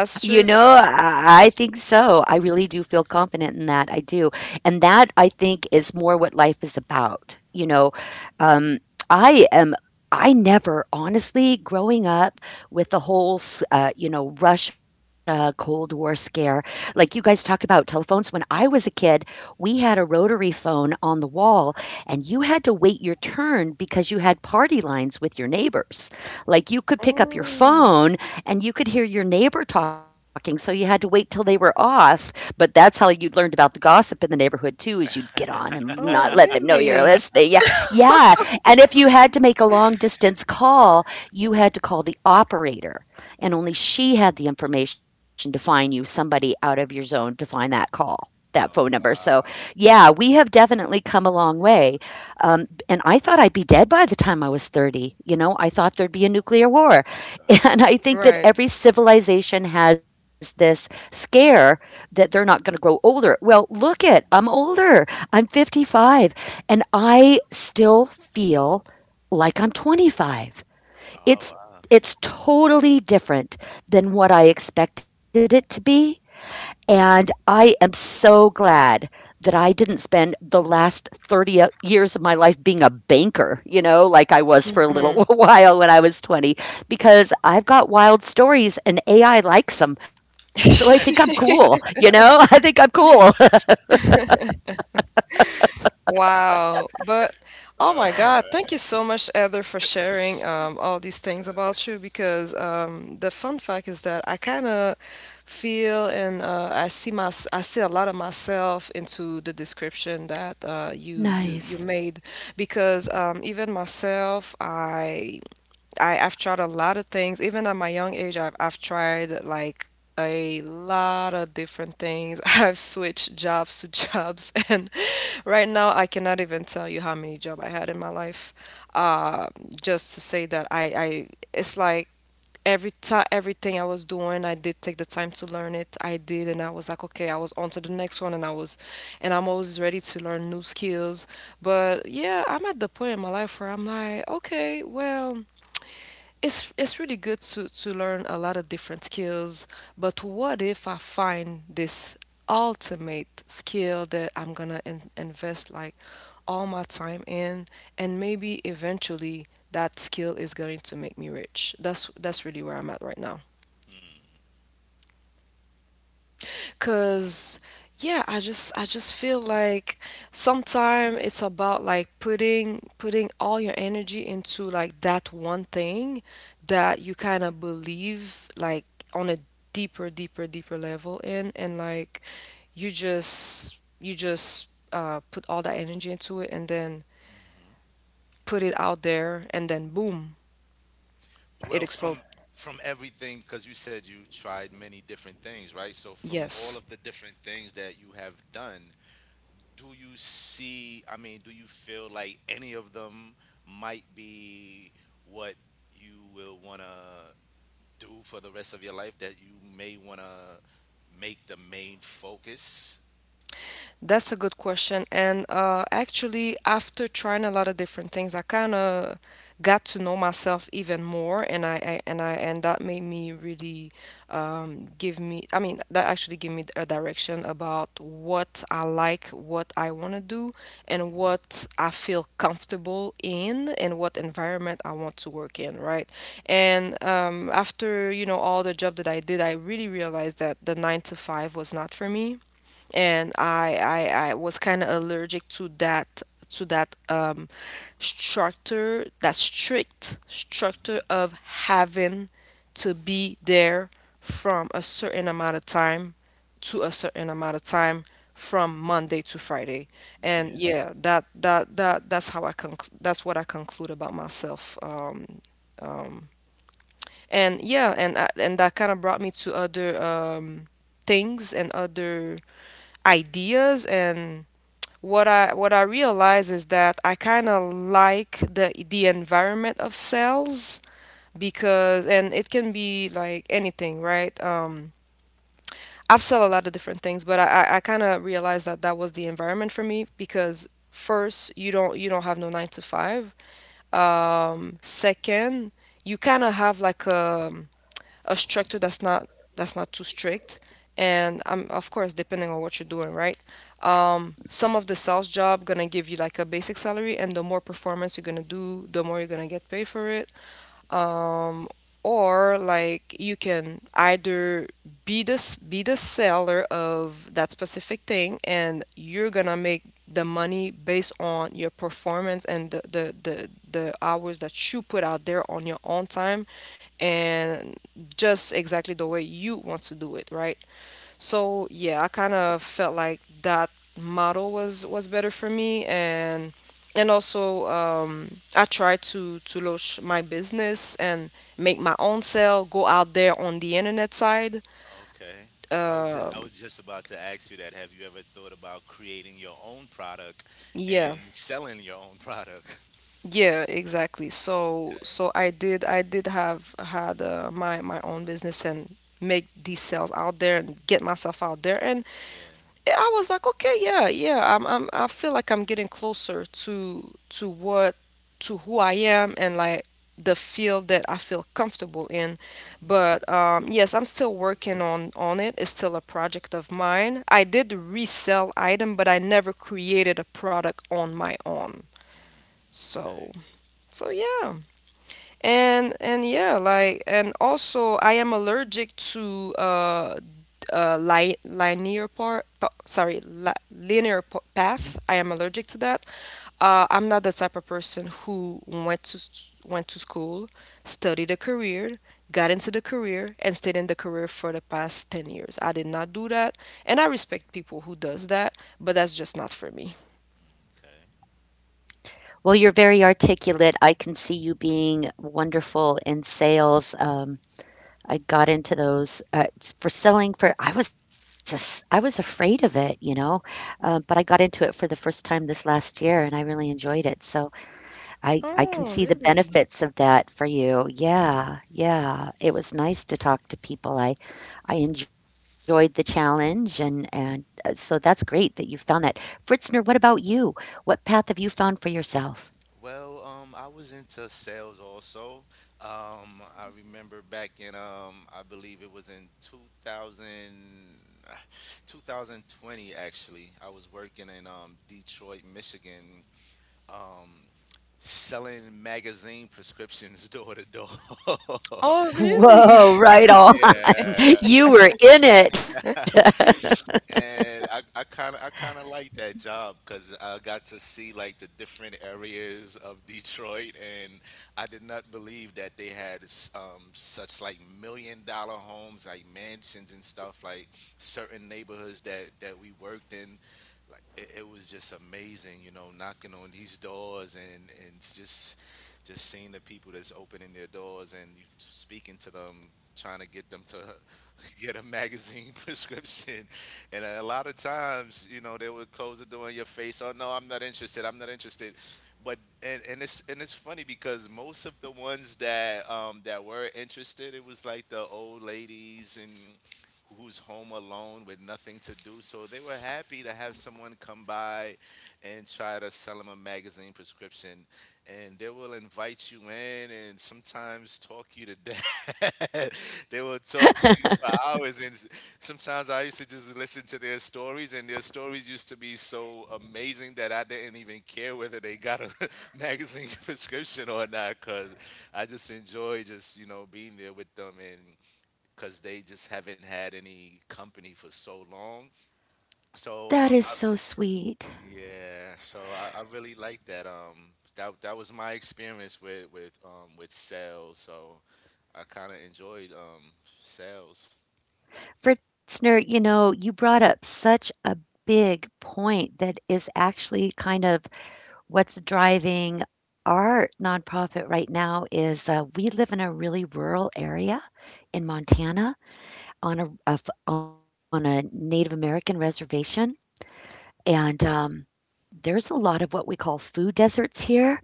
Speaker 3: You
Speaker 1: true.
Speaker 3: know, I think so. I really do feel confident in that. I do. And that I think is more what life is about. You know, um, I am. I never, honestly, growing up with the whole, you know, Russia Cold War scare, like you guys talk about telephones. When I was a kid, we had a rotary phone on the wall, and you had to wait your turn because you had party lines with your neighbors. Like you could pick up your
Speaker 1: Oh,
Speaker 3: phone and you could hear your neighbor talking, so you had to wait till they were off. But that's how you learned about the gossip in the neighborhood too, is you'd get on and not
Speaker 1: oh
Speaker 3: let them know you're
Speaker 1: really?
Speaker 3: listening. Yeah. Yeah. And if you had to make a long distance call, you had to call the operator. And only she had the information to find you somebody out of your zone to find that call. That phone
Speaker 2: Oh
Speaker 3: number. So,
Speaker 2: wow.
Speaker 3: yeah, we have definitely come a long way. And I thought I'd be dead by the time I was 30. You know, I thought there'd be a nuclear war.
Speaker 2: Uh,
Speaker 3: And I think that
Speaker 1: Right.
Speaker 3: every civilization has this scare that they're not going to grow older. Well, look it, I'm older. I'm 55 and I still feel like I'm 25.
Speaker 2: oh
Speaker 3: It's
Speaker 2: wow.
Speaker 3: it's totally different than what I expected it to be, and I am so glad that I didn't spend the last 30 years of my life being a banker, you know, like I was for a little while when I was 20, because I've got wild stories and AI likes them. So I think I'm cool, you know? I think I'm cool.
Speaker 1: Wow. But, oh my God,
Speaker 2: Uh,
Speaker 1: thank you so much, Heather, for sharing all these things about you because the fun fact is that I kind of feel, and I see my I see a lot of myself into the description that you
Speaker 3: Nice.
Speaker 1: made because even myself, I've tried a lot of things. Even at my young age, I've tried like a lot of different things. I've switched jobs to jobs, and right now I cannot even tell you how many jobs I had in my life. Uh, just to say that I it's like every time everything I was doing, I did take the time to learn it. I did, and I was like, okay, I was on to the next one, and I'm always ready to learn new skills. But yeah, I'm at the point in my life where I'm like, okay, well, it's really good to learn a lot of different skills, but what if I find this ultimate skill that I'm gonna in invest like all my time in, and maybe eventually that skill is going to make me rich. That's really where I'm at right now. Cause yeah, I just feel like sometimes it's about like putting all your energy into like that one thing that you kind of believe like on a deeper level in and like you just put all that energy into it and then put it out there and then boom, it
Speaker 2: well,
Speaker 1: explodes.
Speaker 2: from everything, because you said you tried many different things, right? So from all
Speaker 1: Yes.
Speaker 2: of the different things that you have done, do you see? I mean, do you feel like any of them might be what you will want to do for the rest of your life? That you may want to make the main focus?
Speaker 1: That's a good question. And actually, after trying a lot of different things, I kind of got to know myself even more, and I and that made me really give me. I mean, that actually gave me a direction about what I like, what I want to do, and what I feel comfortable in, and what environment I want to work in, right? And after you know all the job that I did, I really realized that the nine to five was not for me and I was kind of allergic to that to that structure, that strict structure of having to be there from a certain amount of time to a certain amount of time from Monday to Friday. And
Speaker 2: Mhm.
Speaker 1: yeah, that's how that's what I conclude about myself. And that kind of brought me to other things and other ideas and what I realize is that I kind of like the environment of cells because and it can be like anything, right? I've sold a lot of different things, but I kind of realized that that was the environment for me because first you don't have no 9 to 5. Second, you kind of have like a structure that's not too strict, and I'm of course depending on what you're doing, right? Some of the sales job gonna give you like a basic salary, and the more performance you're gonna do, the more you're gonna get paid for it. um, or like you can either be the seller of that specific thing, and you're gonna make the money based on your performance and the hours that you put out there on your own time, and just exactly the way you want to do it, right? So yeah, I kind of felt like that model was better for me, and also I tried to launch my business and make my own sale, go out there on the internet side.
Speaker 2: Okay. I
Speaker 1: Um,
Speaker 2: was just about to ask you that. Have you ever thought about creating your own product
Speaker 1: yeah,
Speaker 2: and selling your own product?
Speaker 1: yeah, exactly. So
Speaker 2: Okay.
Speaker 1: so I did have had my my own business and make these sales out there and get myself out there. And
Speaker 2: Yeah.
Speaker 1: yeah, I was like, okay, yeah, yeah. I feel like I'm getting closer to what to who I am and like the field that I feel comfortable in.
Speaker 2: Mm-hmm.
Speaker 1: But yes, I'm still working on it. It's still a project of mine. I did resell item, but I never created a product on my own.
Speaker 2: Mm, okay.
Speaker 1: So, so yeah. And yeah, like, and also I am allergic to li linear part, sorry, li linear path. I am allergic to that. I'm not the type of person who went to school, studied a career, got into the career, and stayed in the career for the past 10 years. I did not do that, and I respect people who does that, but that's just not for me.
Speaker 2: Okay.
Speaker 3: Well, you're very articulate. I can see you being wonderful in sales. I got into those, s for selling for I was as was afraid of it, you know, but I got into it for the first time this last year, and I really enjoyed it, so I can
Speaker 1: Oh,
Speaker 3: see the
Speaker 1: really?
Speaker 3: benefits of that for you. Yeah, yeah, it was nice to talk to people. I enjoyed the challenge, and so that's great that you found that. Fritzner, what about you? What path have you found for yourself?
Speaker 2: Well, I was into sales also. I remember back in I believe it was in 2020 actually. I was working in Detroit, Michigan. Um, selling magazine prescriptions door to door.
Speaker 1: Oh, really?
Speaker 3: Whoa, right on.
Speaker 2: Yeah.
Speaker 3: You were in it.
Speaker 2: And I kind of like that job because I got to see like the different areas of Detroit, and I did not believe that they had such like million-dollar homes, like mansions and stuff, like certain neighborhoods that we worked in. It was just amazing, you know, knocking on these doors. And it's just seeing the people that's opening their doors and you speaking to them, trying to get them to get a magazine prescription. And a lot of times, you know, they would close the door in your face. Oh no, I'm not interested. I'm not interested. But and it's funny because most of the ones that were interested, it was like the old ladies and who's home alone with nothing to do. So they were happy to have someone come by and try to sell them a magazine prescription. And they will invite you in and sometimes talk you to death. They will talk to you for hours sometimes. I used to just listen to their stories, and their stories used to be so amazing that I didn't even care whether they got a magazine prescription or not, because I just enjoy just, you know, being there with them, and because they just haven't had any company for so long. So
Speaker 3: That is so sweet.
Speaker 2: yeah, so I really like that. That was my experience with with sales. So I kind of enjoyed sales.
Speaker 3: Fritzner, you know, you brought up such a big point that is actually kind of what's driving our nonprofit right now is we live in a really rural area in
Speaker 2: Mhm.
Speaker 3: Montana on on a Native American reservation, and there's a lot of what we call food deserts here.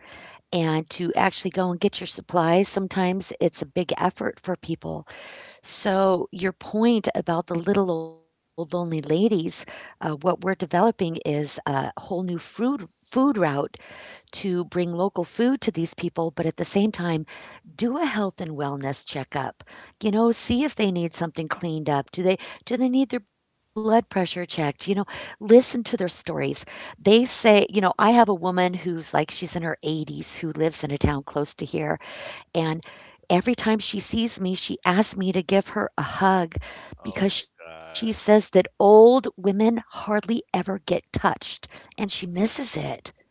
Speaker 3: And to actually go and get your supplies, sometimes it's a big effort for people. So, your point about the little old lonely ladies, what we're developing is a whole new food route to bring local food to these people, but at the same time, do a health and wellness checkup. You know, see if they need something cleaned up. Do they need their blood pressure checked? You know, listen to their stories. They say, you know, I have a woman who's like she's in her 80s who lives in a town close to here, and every time she sees me, she asks me to give her a hug
Speaker 2: Oh my
Speaker 3: because she
Speaker 2: god.
Speaker 3: says that old women hardly ever get touched
Speaker 2: Uh,
Speaker 3: and she misses it.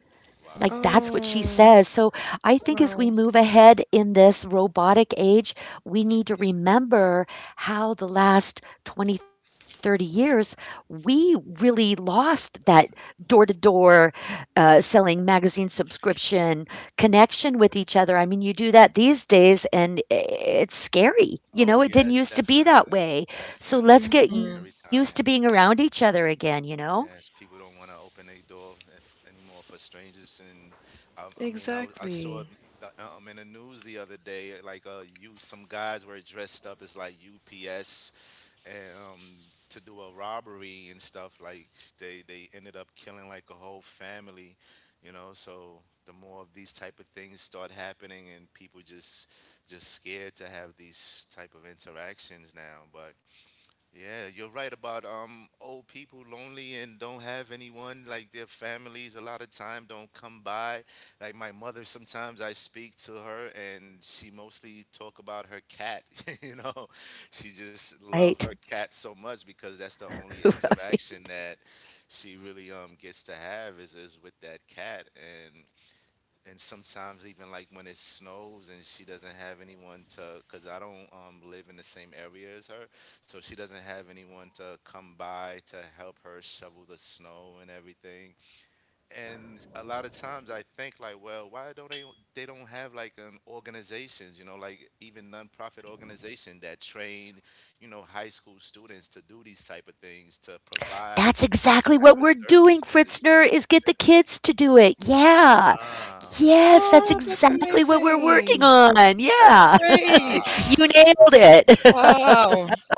Speaker 3: Like,
Speaker 2: wow.
Speaker 3: that's what she
Speaker 1: Oh,
Speaker 3: says. So I think as
Speaker 1: wow.
Speaker 3: we move ahead in this robotic age, we need to remember how the last 20, 30 years, we really lost that door to door selling magazine subscription connection with each other. I mean, you do that these days and it's scary. You
Speaker 2: Oh
Speaker 3: know, it didn't
Speaker 2: yes,
Speaker 3: used to be that
Speaker 2: definitely,
Speaker 3: way. So
Speaker 2: definitely.
Speaker 3: let's get used
Speaker 1: Hmm.
Speaker 2: Scary
Speaker 3: to being around
Speaker 2: times.
Speaker 3: each other again, you know?
Speaker 2: Yes, people don't want to open their door if, anymore for strangers. And I mean, I saw
Speaker 1: Exactly.
Speaker 2: in the news the other day, like some guys were dressed up as like UPS and to do a robbery and stuff. Like they ended up killing like a whole family, you know. So the more of these type of things start happening, and people just scared to have these type of interactions now. But yeah, you're right about old people lonely and don't have anyone like their families a lot of time don't come by. Like my mother sometimes I speak to her and she mostly talk about her cat, you know. She just love her
Speaker 3: Right.
Speaker 2: cat so much because that's the only
Speaker 3: Right.
Speaker 2: interaction that she really gets to have is with that cat. And sometimes even like when it snows and she doesn't have anyone to, because I don't live in the same area as her, so she doesn't have anyone to come by to help her shovel the snow and everything. And a lot of times I think like, well, why don't they don't have like an organizations, you know, like even nonprofit organization that train, you know, high school students to do these type of things to provide
Speaker 3: That's
Speaker 2: these
Speaker 3: exactly
Speaker 2: type
Speaker 3: what
Speaker 2: of
Speaker 3: we're doing,
Speaker 2: services.
Speaker 3: Fritzner, is get the kids to do it. Yeah.
Speaker 2: Ah, okay.
Speaker 3: Yes,
Speaker 1: Oh,
Speaker 3: that's
Speaker 1: that's
Speaker 3: exactly what we're
Speaker 1: amazing.
Speaker 3: working on.
Speaker 1: That's
Speaker 2: Oh
Speaker 3: Yeah.
Speaker 1: great.
Speaker 2: wow.
Speaker 3: You nailed
Speaker 1: Wow.
Speaker 3: it.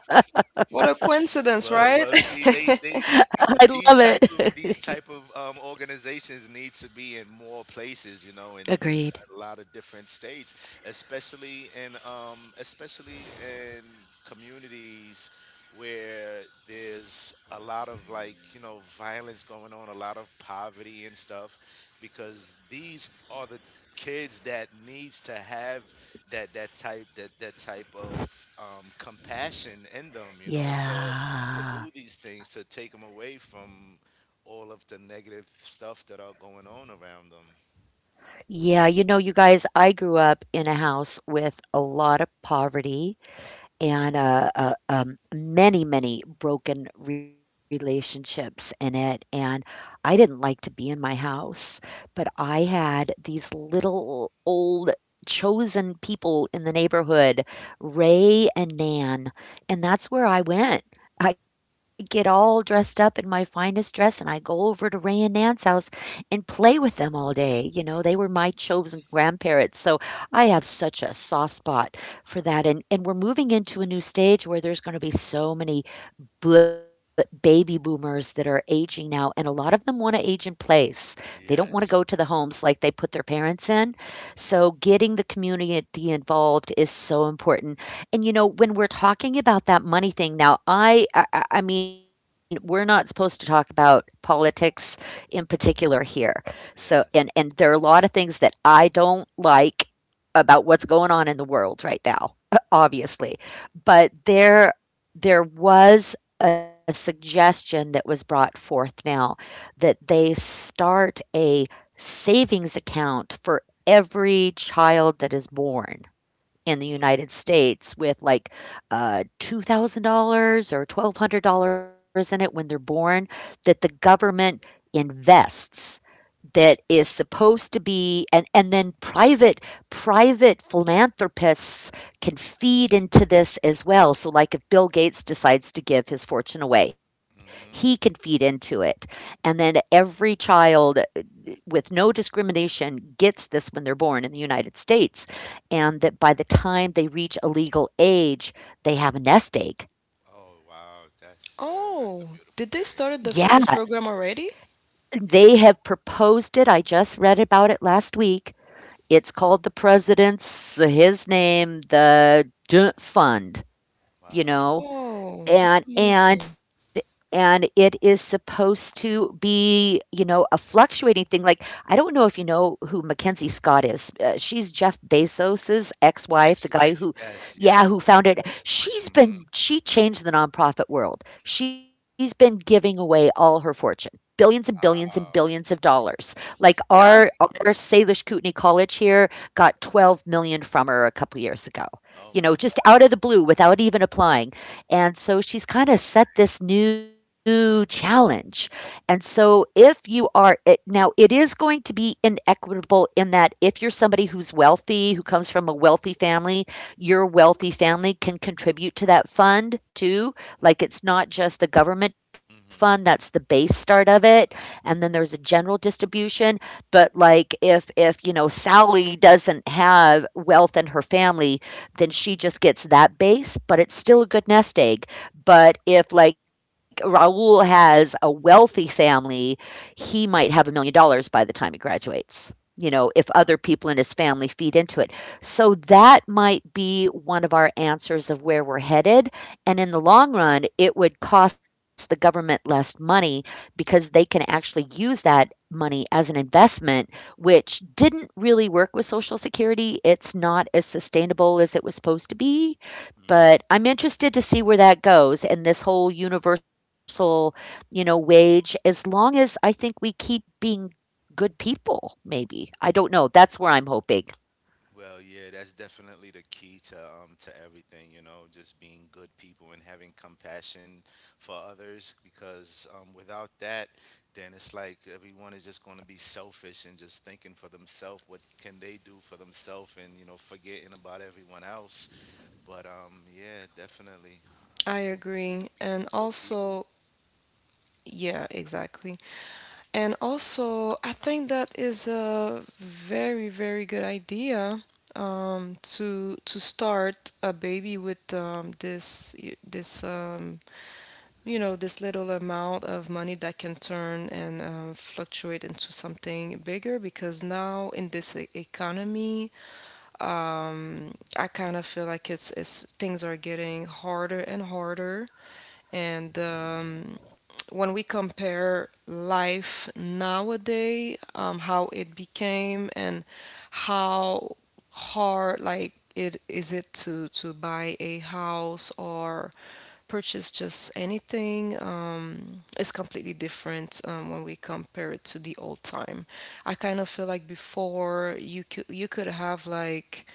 Speaker 1: What a coincidence,
Speaker 2: Well,
Speaker 1: right?
Speaker 2: well, see,
Speaker 3: I
Speaker 2: these
Speaker 3: love
Speaker 2: type of
Speaker 3: it.
Speaker 2: organizations need to be in more places, you know, in
Speaker 3: Agreed.
Speaker 2: a lot of different states, especially in especially in communities where there's a lot of like, you know, violence going on, a lot of poverty and stuff, because these are the kids that needs to have that type of compassion in them, you know, to
Speaker 3: Yeah.
Speaker 2: do these things to take them away from all of the negative stuff that are going on around them.
Speaker 3: Yeah, you know, you guys, I grew up in a house with a lot of poverty and many, many broken relationships in it. And I didn't like to be in my house, but I had these little old chosen people in the neighborhood, Ray and Nan, and that's where I went. I get all dressed up in my finest dress and I go over to Ray and Nan's house and play with them all day. You know, they were my chosen grandparents. So I have such a soft spot for that, and we're moving into a new stage where there's going to be so many baby boomers that are aging now, and a lot of them want to age in place. They don't want to go to the
Speaker 2: Yes.
Speaker 3: homes like they put their parents in. So
Speaker 2: Hmm.
Speaker 3: getting the community involved is so important. And you know, when we're talking about that money thing now, I mean, we're not supposed to talk about politics in particular here, so. And
Speaker 2: Yes.
Speaker 3: there are a lot of things that I don't like about what's going on in the world right now, obviously. But there was a suggestion that was brought forth now that they start a savings account for every child that is born in the United States with like $2,000 or $1,200 in it when they're born, that the government invests, that is supposed to be. And then private philanthropists can feed into this as well. So like if Bill Gates decides to give his fortune away, he can
Speaker 2: Mm-hmm.
Speaker 3: feed into it. And then every child with no discrimination gets this when they're born in the United States, and that by the time they reach a legal age, they have a nest egg.
Speaker 2: Oh wow, that's a
Speaker 1: Oh,
Speaker 2: beautiful
Speaker 1: did they
Speaker 3: Yeah,
Speaker 2: thing.
Speaker 1: started this, this program already?
Speaker 3: they have proposed it. I just read about it last week. It's called the president's, his name, the Fund, you
Speaker 2: Wow.
Speaker 3: know.
Speaker 1: Oh, that's
Speaker 3: And
Speaker 1: amazing.
Speaker 3: and it is supposed to be, you know, a fluctuating thing. Like I don't know if you know who Mackenzie Scott is. Uh, she's Jeff Bezos's ex-wife, the guy
Speaker 2: Ex-wife.
Speaker 3: who,
Speaker 2: Yes.
Speaker 3: yeah,
Speaker 2: Yes.
Speaker 3: who founded. She's
Speaker 2: Mm-hmm.
Speaker 3: been, she changed the nonprofit world. She's been giving away all her fortune, billions and billions and billions of
Speaker 2: Wow.
Speaker 3: dollars. Like
Speaker 1: Yeah.
Speaker 3: our Salish Kootenai College here got 12 million from her a couple years ago,
Speaker 2: Oh
Speaker 3: you
Speaker 2: my
Speaker 3: know, just out
Speaker 2: God.
Speaker 3: of the blue without even applying. And so she's kind of
Speaker 2: Beautiful.
Speaker 3: set this new challenge. And so if you are, it, now it is going to be inequitable in that if you're somebody who's wealthy, who comes from a wealthy family, your wealthy family can contribute to that fund too. Like it's not just the government fund, that's the
Speaker 2: Mm-hmm.
Speaker 3: base start of it. And then there's a general distribution. But like if, you know, Sally doesn't have wealth in her family, then she just gets that base, but it's still a good nest egg. But if, like, Raul has a wealthy family, he might have $1 million by the time he graduates, you know, if other people in his family feed into it. So that might be one of our answers of where we're headed. And in the long run, it would cost the government less money because they can actually use that money as an investment, which didn't really work with Social Security. It's not as sustainable as it was supposed to be, but
Speaker 2: Mm-hmm.
Speaker 3: I'm interested to see where that goes, and this whole universal, you know, wage, as long as I think we keep being good people, maybe. I don't know. That's where I'm hoping.
Speaker 2: Well, yeah, that's definitely the key to everything, you know, just being good people and having compassion for others because without that, then it's like everyone is just going to be selfish and just thinking for themselves what can they do for themselves, and, you know, forgetting about everyone else. But yeah, definitely
Speaker 1: I
Speaker 2: just keep
Speaker 1: agree.
Speaker 2: being
Speaker 1: And
Speaker 2: good people.
Speaker 1: also, yeah, exactly. And also, I think that is a very, very good idea to start a baby with this this little amount of money that can turn and fluctuate into something bigger, because now in this economy I kind of feel like it's things are getting harder and harder. And when we compare life nowadays, how it became and how hard like it is it to buy a house or purchase just anything, it's completely different when we compare it to the old time. I kind of feel like before you could have like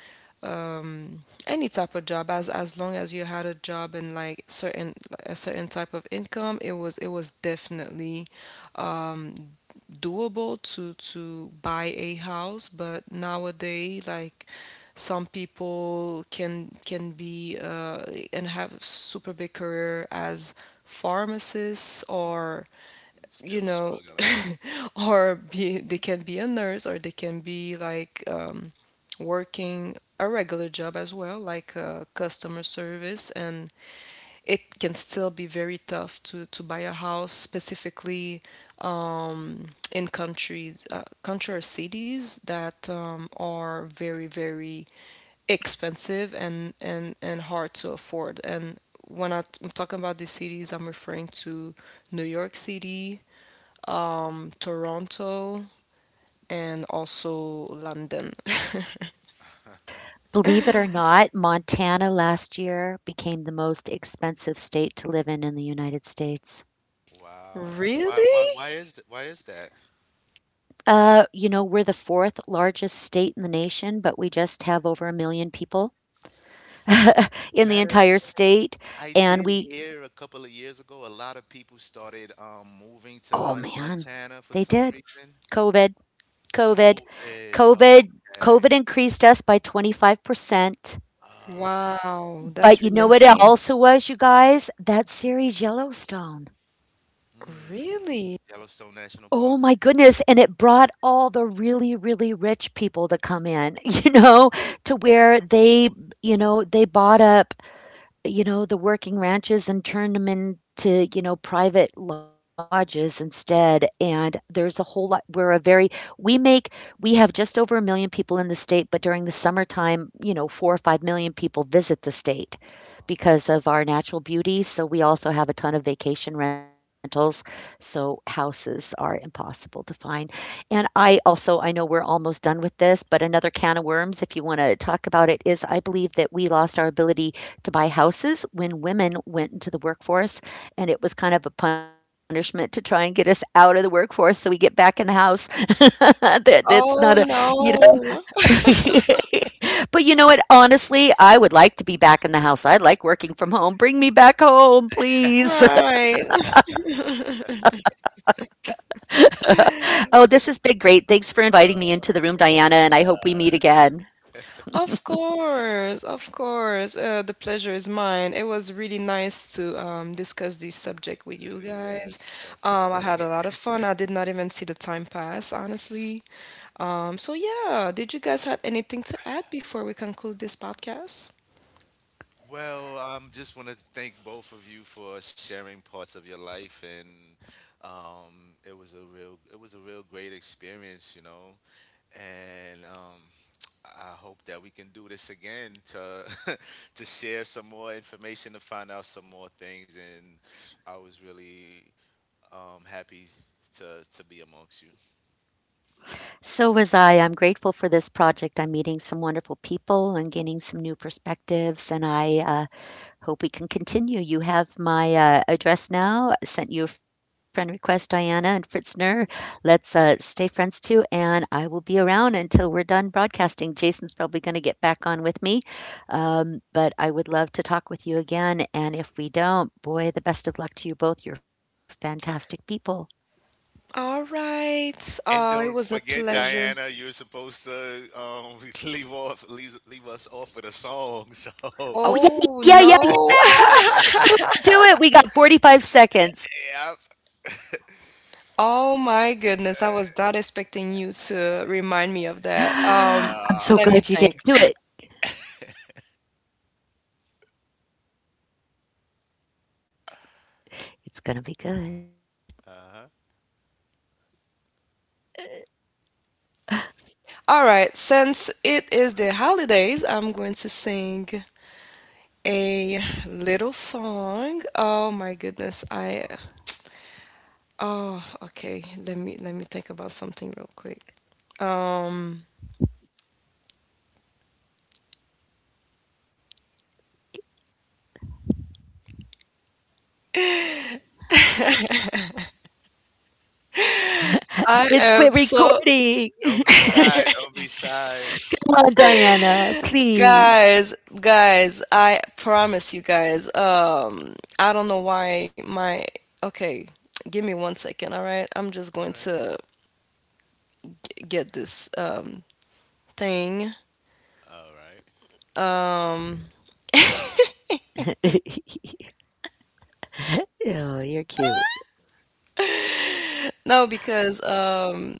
Speaker 1: any type of job as long as you had a job and like certain a certain type of income, it was definitely doable to buy a house, but nowadays like some people can be and have super big career as pharmacists
Speaker 2: Yeah,
Speaker 1: or
Speaker 2: and
Speaker 1: you
Speaker 2: still
Speaker 1: know,
Speaker 2: struggling.
Speaker 1: or be they can be a nurse or they can be like working a regular job as well, like customer service, and it can still be very tough to buy a house, specifically in countries, country or cities that are very very expensive and hard to afford. And when I'm talking about these cities, I'm referring to New York City, Toronto, and also London.
Speaker 3: Believe it or not, Montana last year became the most expensive state to live in the United States.
Speaker 2: Wow.
Speaker 1: Really?
Speaker 2: Why is that? Why is that?
Speaker 3: You know, we're the fourth largest state in the nation, but we just have over a million people. In the
Speaker 2: Matter.
Speaker 3: entire state.
Speaker 2: I
Speaker 3: And
Speaker 2: did
Speaker 3: we,
Speaker 2: hear a couple of years ago a lot of people started
Speaker 3: oh
Speaker 2: moving to
Speaker 3: man, they did.
Speaker 2: Montana for some reason.
Speaker 3: COVID, COVID,
Speaker 2: COVID. Oh,
Speaker 3: COVID, COVID
Speaker 2: okay.
Speaker 3: increased us by 25%.
Speaker 2: Ah.
Speaker 1: Wow,
Speaker 3: But
Speaker 1: that's
Speaker 3: you
Speaker 1: really
Speaker 3: know what it
Speaker 1: insane.
Speaker 3: also was, you guys? That series Yellowstone.
Speaker 2: Hmm.
Speaker 1: Really?
Speaker 2: Yellowstone
Speaker 3: Oh
Speaker 2: National
Speaker 3: my
Speaker 2: Park.
Speaker 3: goodness. And it brought all the really, really rich people to come in, you know, to where they, you know, they bought up, you know, the working ranches and turn them into, you know, private lodges instead. And there's a whole lot, we're a very, we make, we have just over a million people in the state, but during the summertime, you know, 4 or 5 million people visit the state
Speaker 2: Ah.
Speaker 3: because of our natural beauty. So we also have a ton of vacation rentals. So houses are impossible to find. And I also, I know we're almost done with this, but another can of worms, if you want to talk about it, is I believe that we lost our ability to buy houses when women went into the workforce, and it was kind of a punishment to try and get us out of the workforce so we get back in the house. That that's not a,
Speaker 1: Oh
Speaker 3: you know.
Speaker 1: no.
Speaker 3: But you know what, honestly, I would like to be back in the house. I like working from home. Bring me back home, please.
Speaker 1: Right.
Speaker 3: Oh, this has been great. Thanks for inviting me
Speaker 2: Oh
Speaker 3: into the room, Diana,
Speaker 2: my
Speaker 3: and I hope we meet
Speaker 2: God.
Speaker 3: again.
Speaker 1: Of course, of course. The pleasure is mine. It was really nice to discuss this subject with you guys.
Speaker 2: Yes, definitely.
Speaker 1: I had a lot of fun. I did not even see the time pass, honestly. So yeah, did you guys have anything to add before we conclude this podcast?
Speaker 2: Well, I just want to thank both of you for sharing parts of your life, and it was a real, it was a real great experience, you know, and I hope that we can do this again to to share some more information to find out some more things, and I was really happy to be amongst you.
Speaker 3: So was I. I'm grateful for this project. I'm meeting some wonderful people and gaining some new perspectives, and I hope we can continue. You have my address now. I sent you a friend request, Diana and Fritzner. Let's stay friends too. And I will be around until we're done broadcasting. Jason's probably going to get back on with me. But I would love to talk with you again. And if we don't, boy, the best of luck to you both. You're fantastic people.
Speaker 1: All right.
Speaker 2: And
Speaker 1: It
Speaker 2: don't
Speaker 1: was a
Speaker 2: forget,
Speaker 1: pleasure.
Speaker 2: Diana, you're supposed to leave us off with a song. So,
Speaker 3: Oh, yeah,
Speaker 1: Oh
Speaker 3: yeah, yeah,
Speaker 1: no.
Speaker 3: yeah. Do it, do it. We got 45 seconds.
Speaker 2: yeah.
Speaker 1: Oh my goodness, I was not expecting you to remind me of that.
Speaker 3: I'm so
Speaker 2: Yeah.
Speaker 1: Let me
Speaker 3: glad you
Speaker 1: think.
Speaker 3: did. Do it. It's going to be good.
Speaker 2: Uh-huh.
Speaker 1: All right, since it is the holidays, I'm going to sing a little song. Oh my goodness, I oh okay, let me think about something real quick. Um
Speaker 3: It's quit
Speaker 1: I am so
Speaker 3: recording.
Speaker 2: Don't be shy. Don't be shy.
Speaker 3: Come on, Diana, please.
Speaker 1: guys, guys, I promise you guys. I don't know why my okay, give me 1 second, all right? I'm just
Speaker 2: All
Speaker 1: going
Speaker 2: right.
Speaker 1: to get this thing.
Speaker 2: All right.
Speaker 1: Um
Speaker 3: Oh, you're cute.
Speaker 1: no, because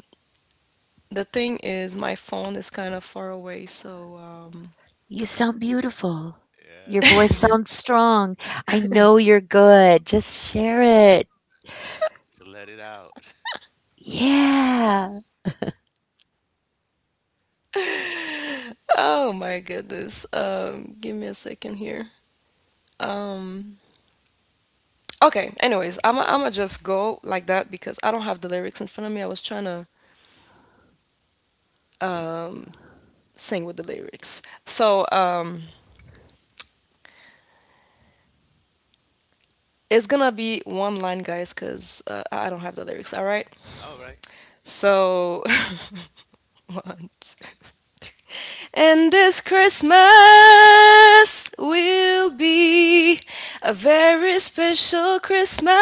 Speaker 1: the thing is, my phone is kind of far away, so
Speaker 3: You sound beautiful.
Speaker 2: Yeah,
Speaker 3: Your
Speaker 2: you do.
Speaker 3: voice sounds strong. I know you're good. Just share it.
Speaker 2: Just let it out.
Speaker 3: Yeah.
Speaker 1: oh my goodness. Give me a second here. Okay, anyways, I'm gonna just go like that because I don't have the lyrics in front of me. I was trying to sing with the lyrics. So, it's gonna be one line, guys, because I don't have the lyrics, all right?
Speaker 2: All right.
Speaker 1: So, one, two. And this Christmas will be a very special Christmas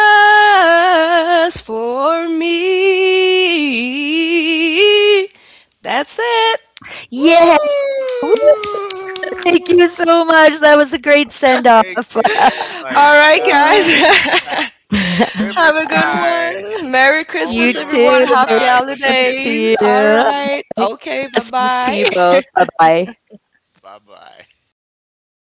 Speaker 1: for me. That's it.
Speaker 3: Yeah.
Speaker 2: Woo!
Speaker 3: Woo, thank you so much. That was a great send off.
Speaker 2: Thank you. Oh my
Speaker 1: All right,
Speaker 2: God.
Speaker 1: guys. Have a good
Speaker 2: Riverside.
Speaker 1: one. Merry
Speaker 3: You
Speaker 2: Only
Speaker 1: Christmas,
Speaker 3: too.
Speaker 2: on
Speaker 1: everyone.
Speaker 3: Merry
Speaker 1: Happy
Speaker 2: Riverside will
Speaker 3: Christmas
Speaker 2: you
Speaker 3: to
Speaker 2: get this
Speaker 1: holidays. All
Speaker 3: you.
Speaker 2: exclusive.
Speaker 1: right.
Speaker 3: Merry
Speaker 1: Okay, bye
Speaker 3: blessings to you both.
Speaker 1: bye.
Speaker 3: Bye bye.
Speaker 2: Bye-bye.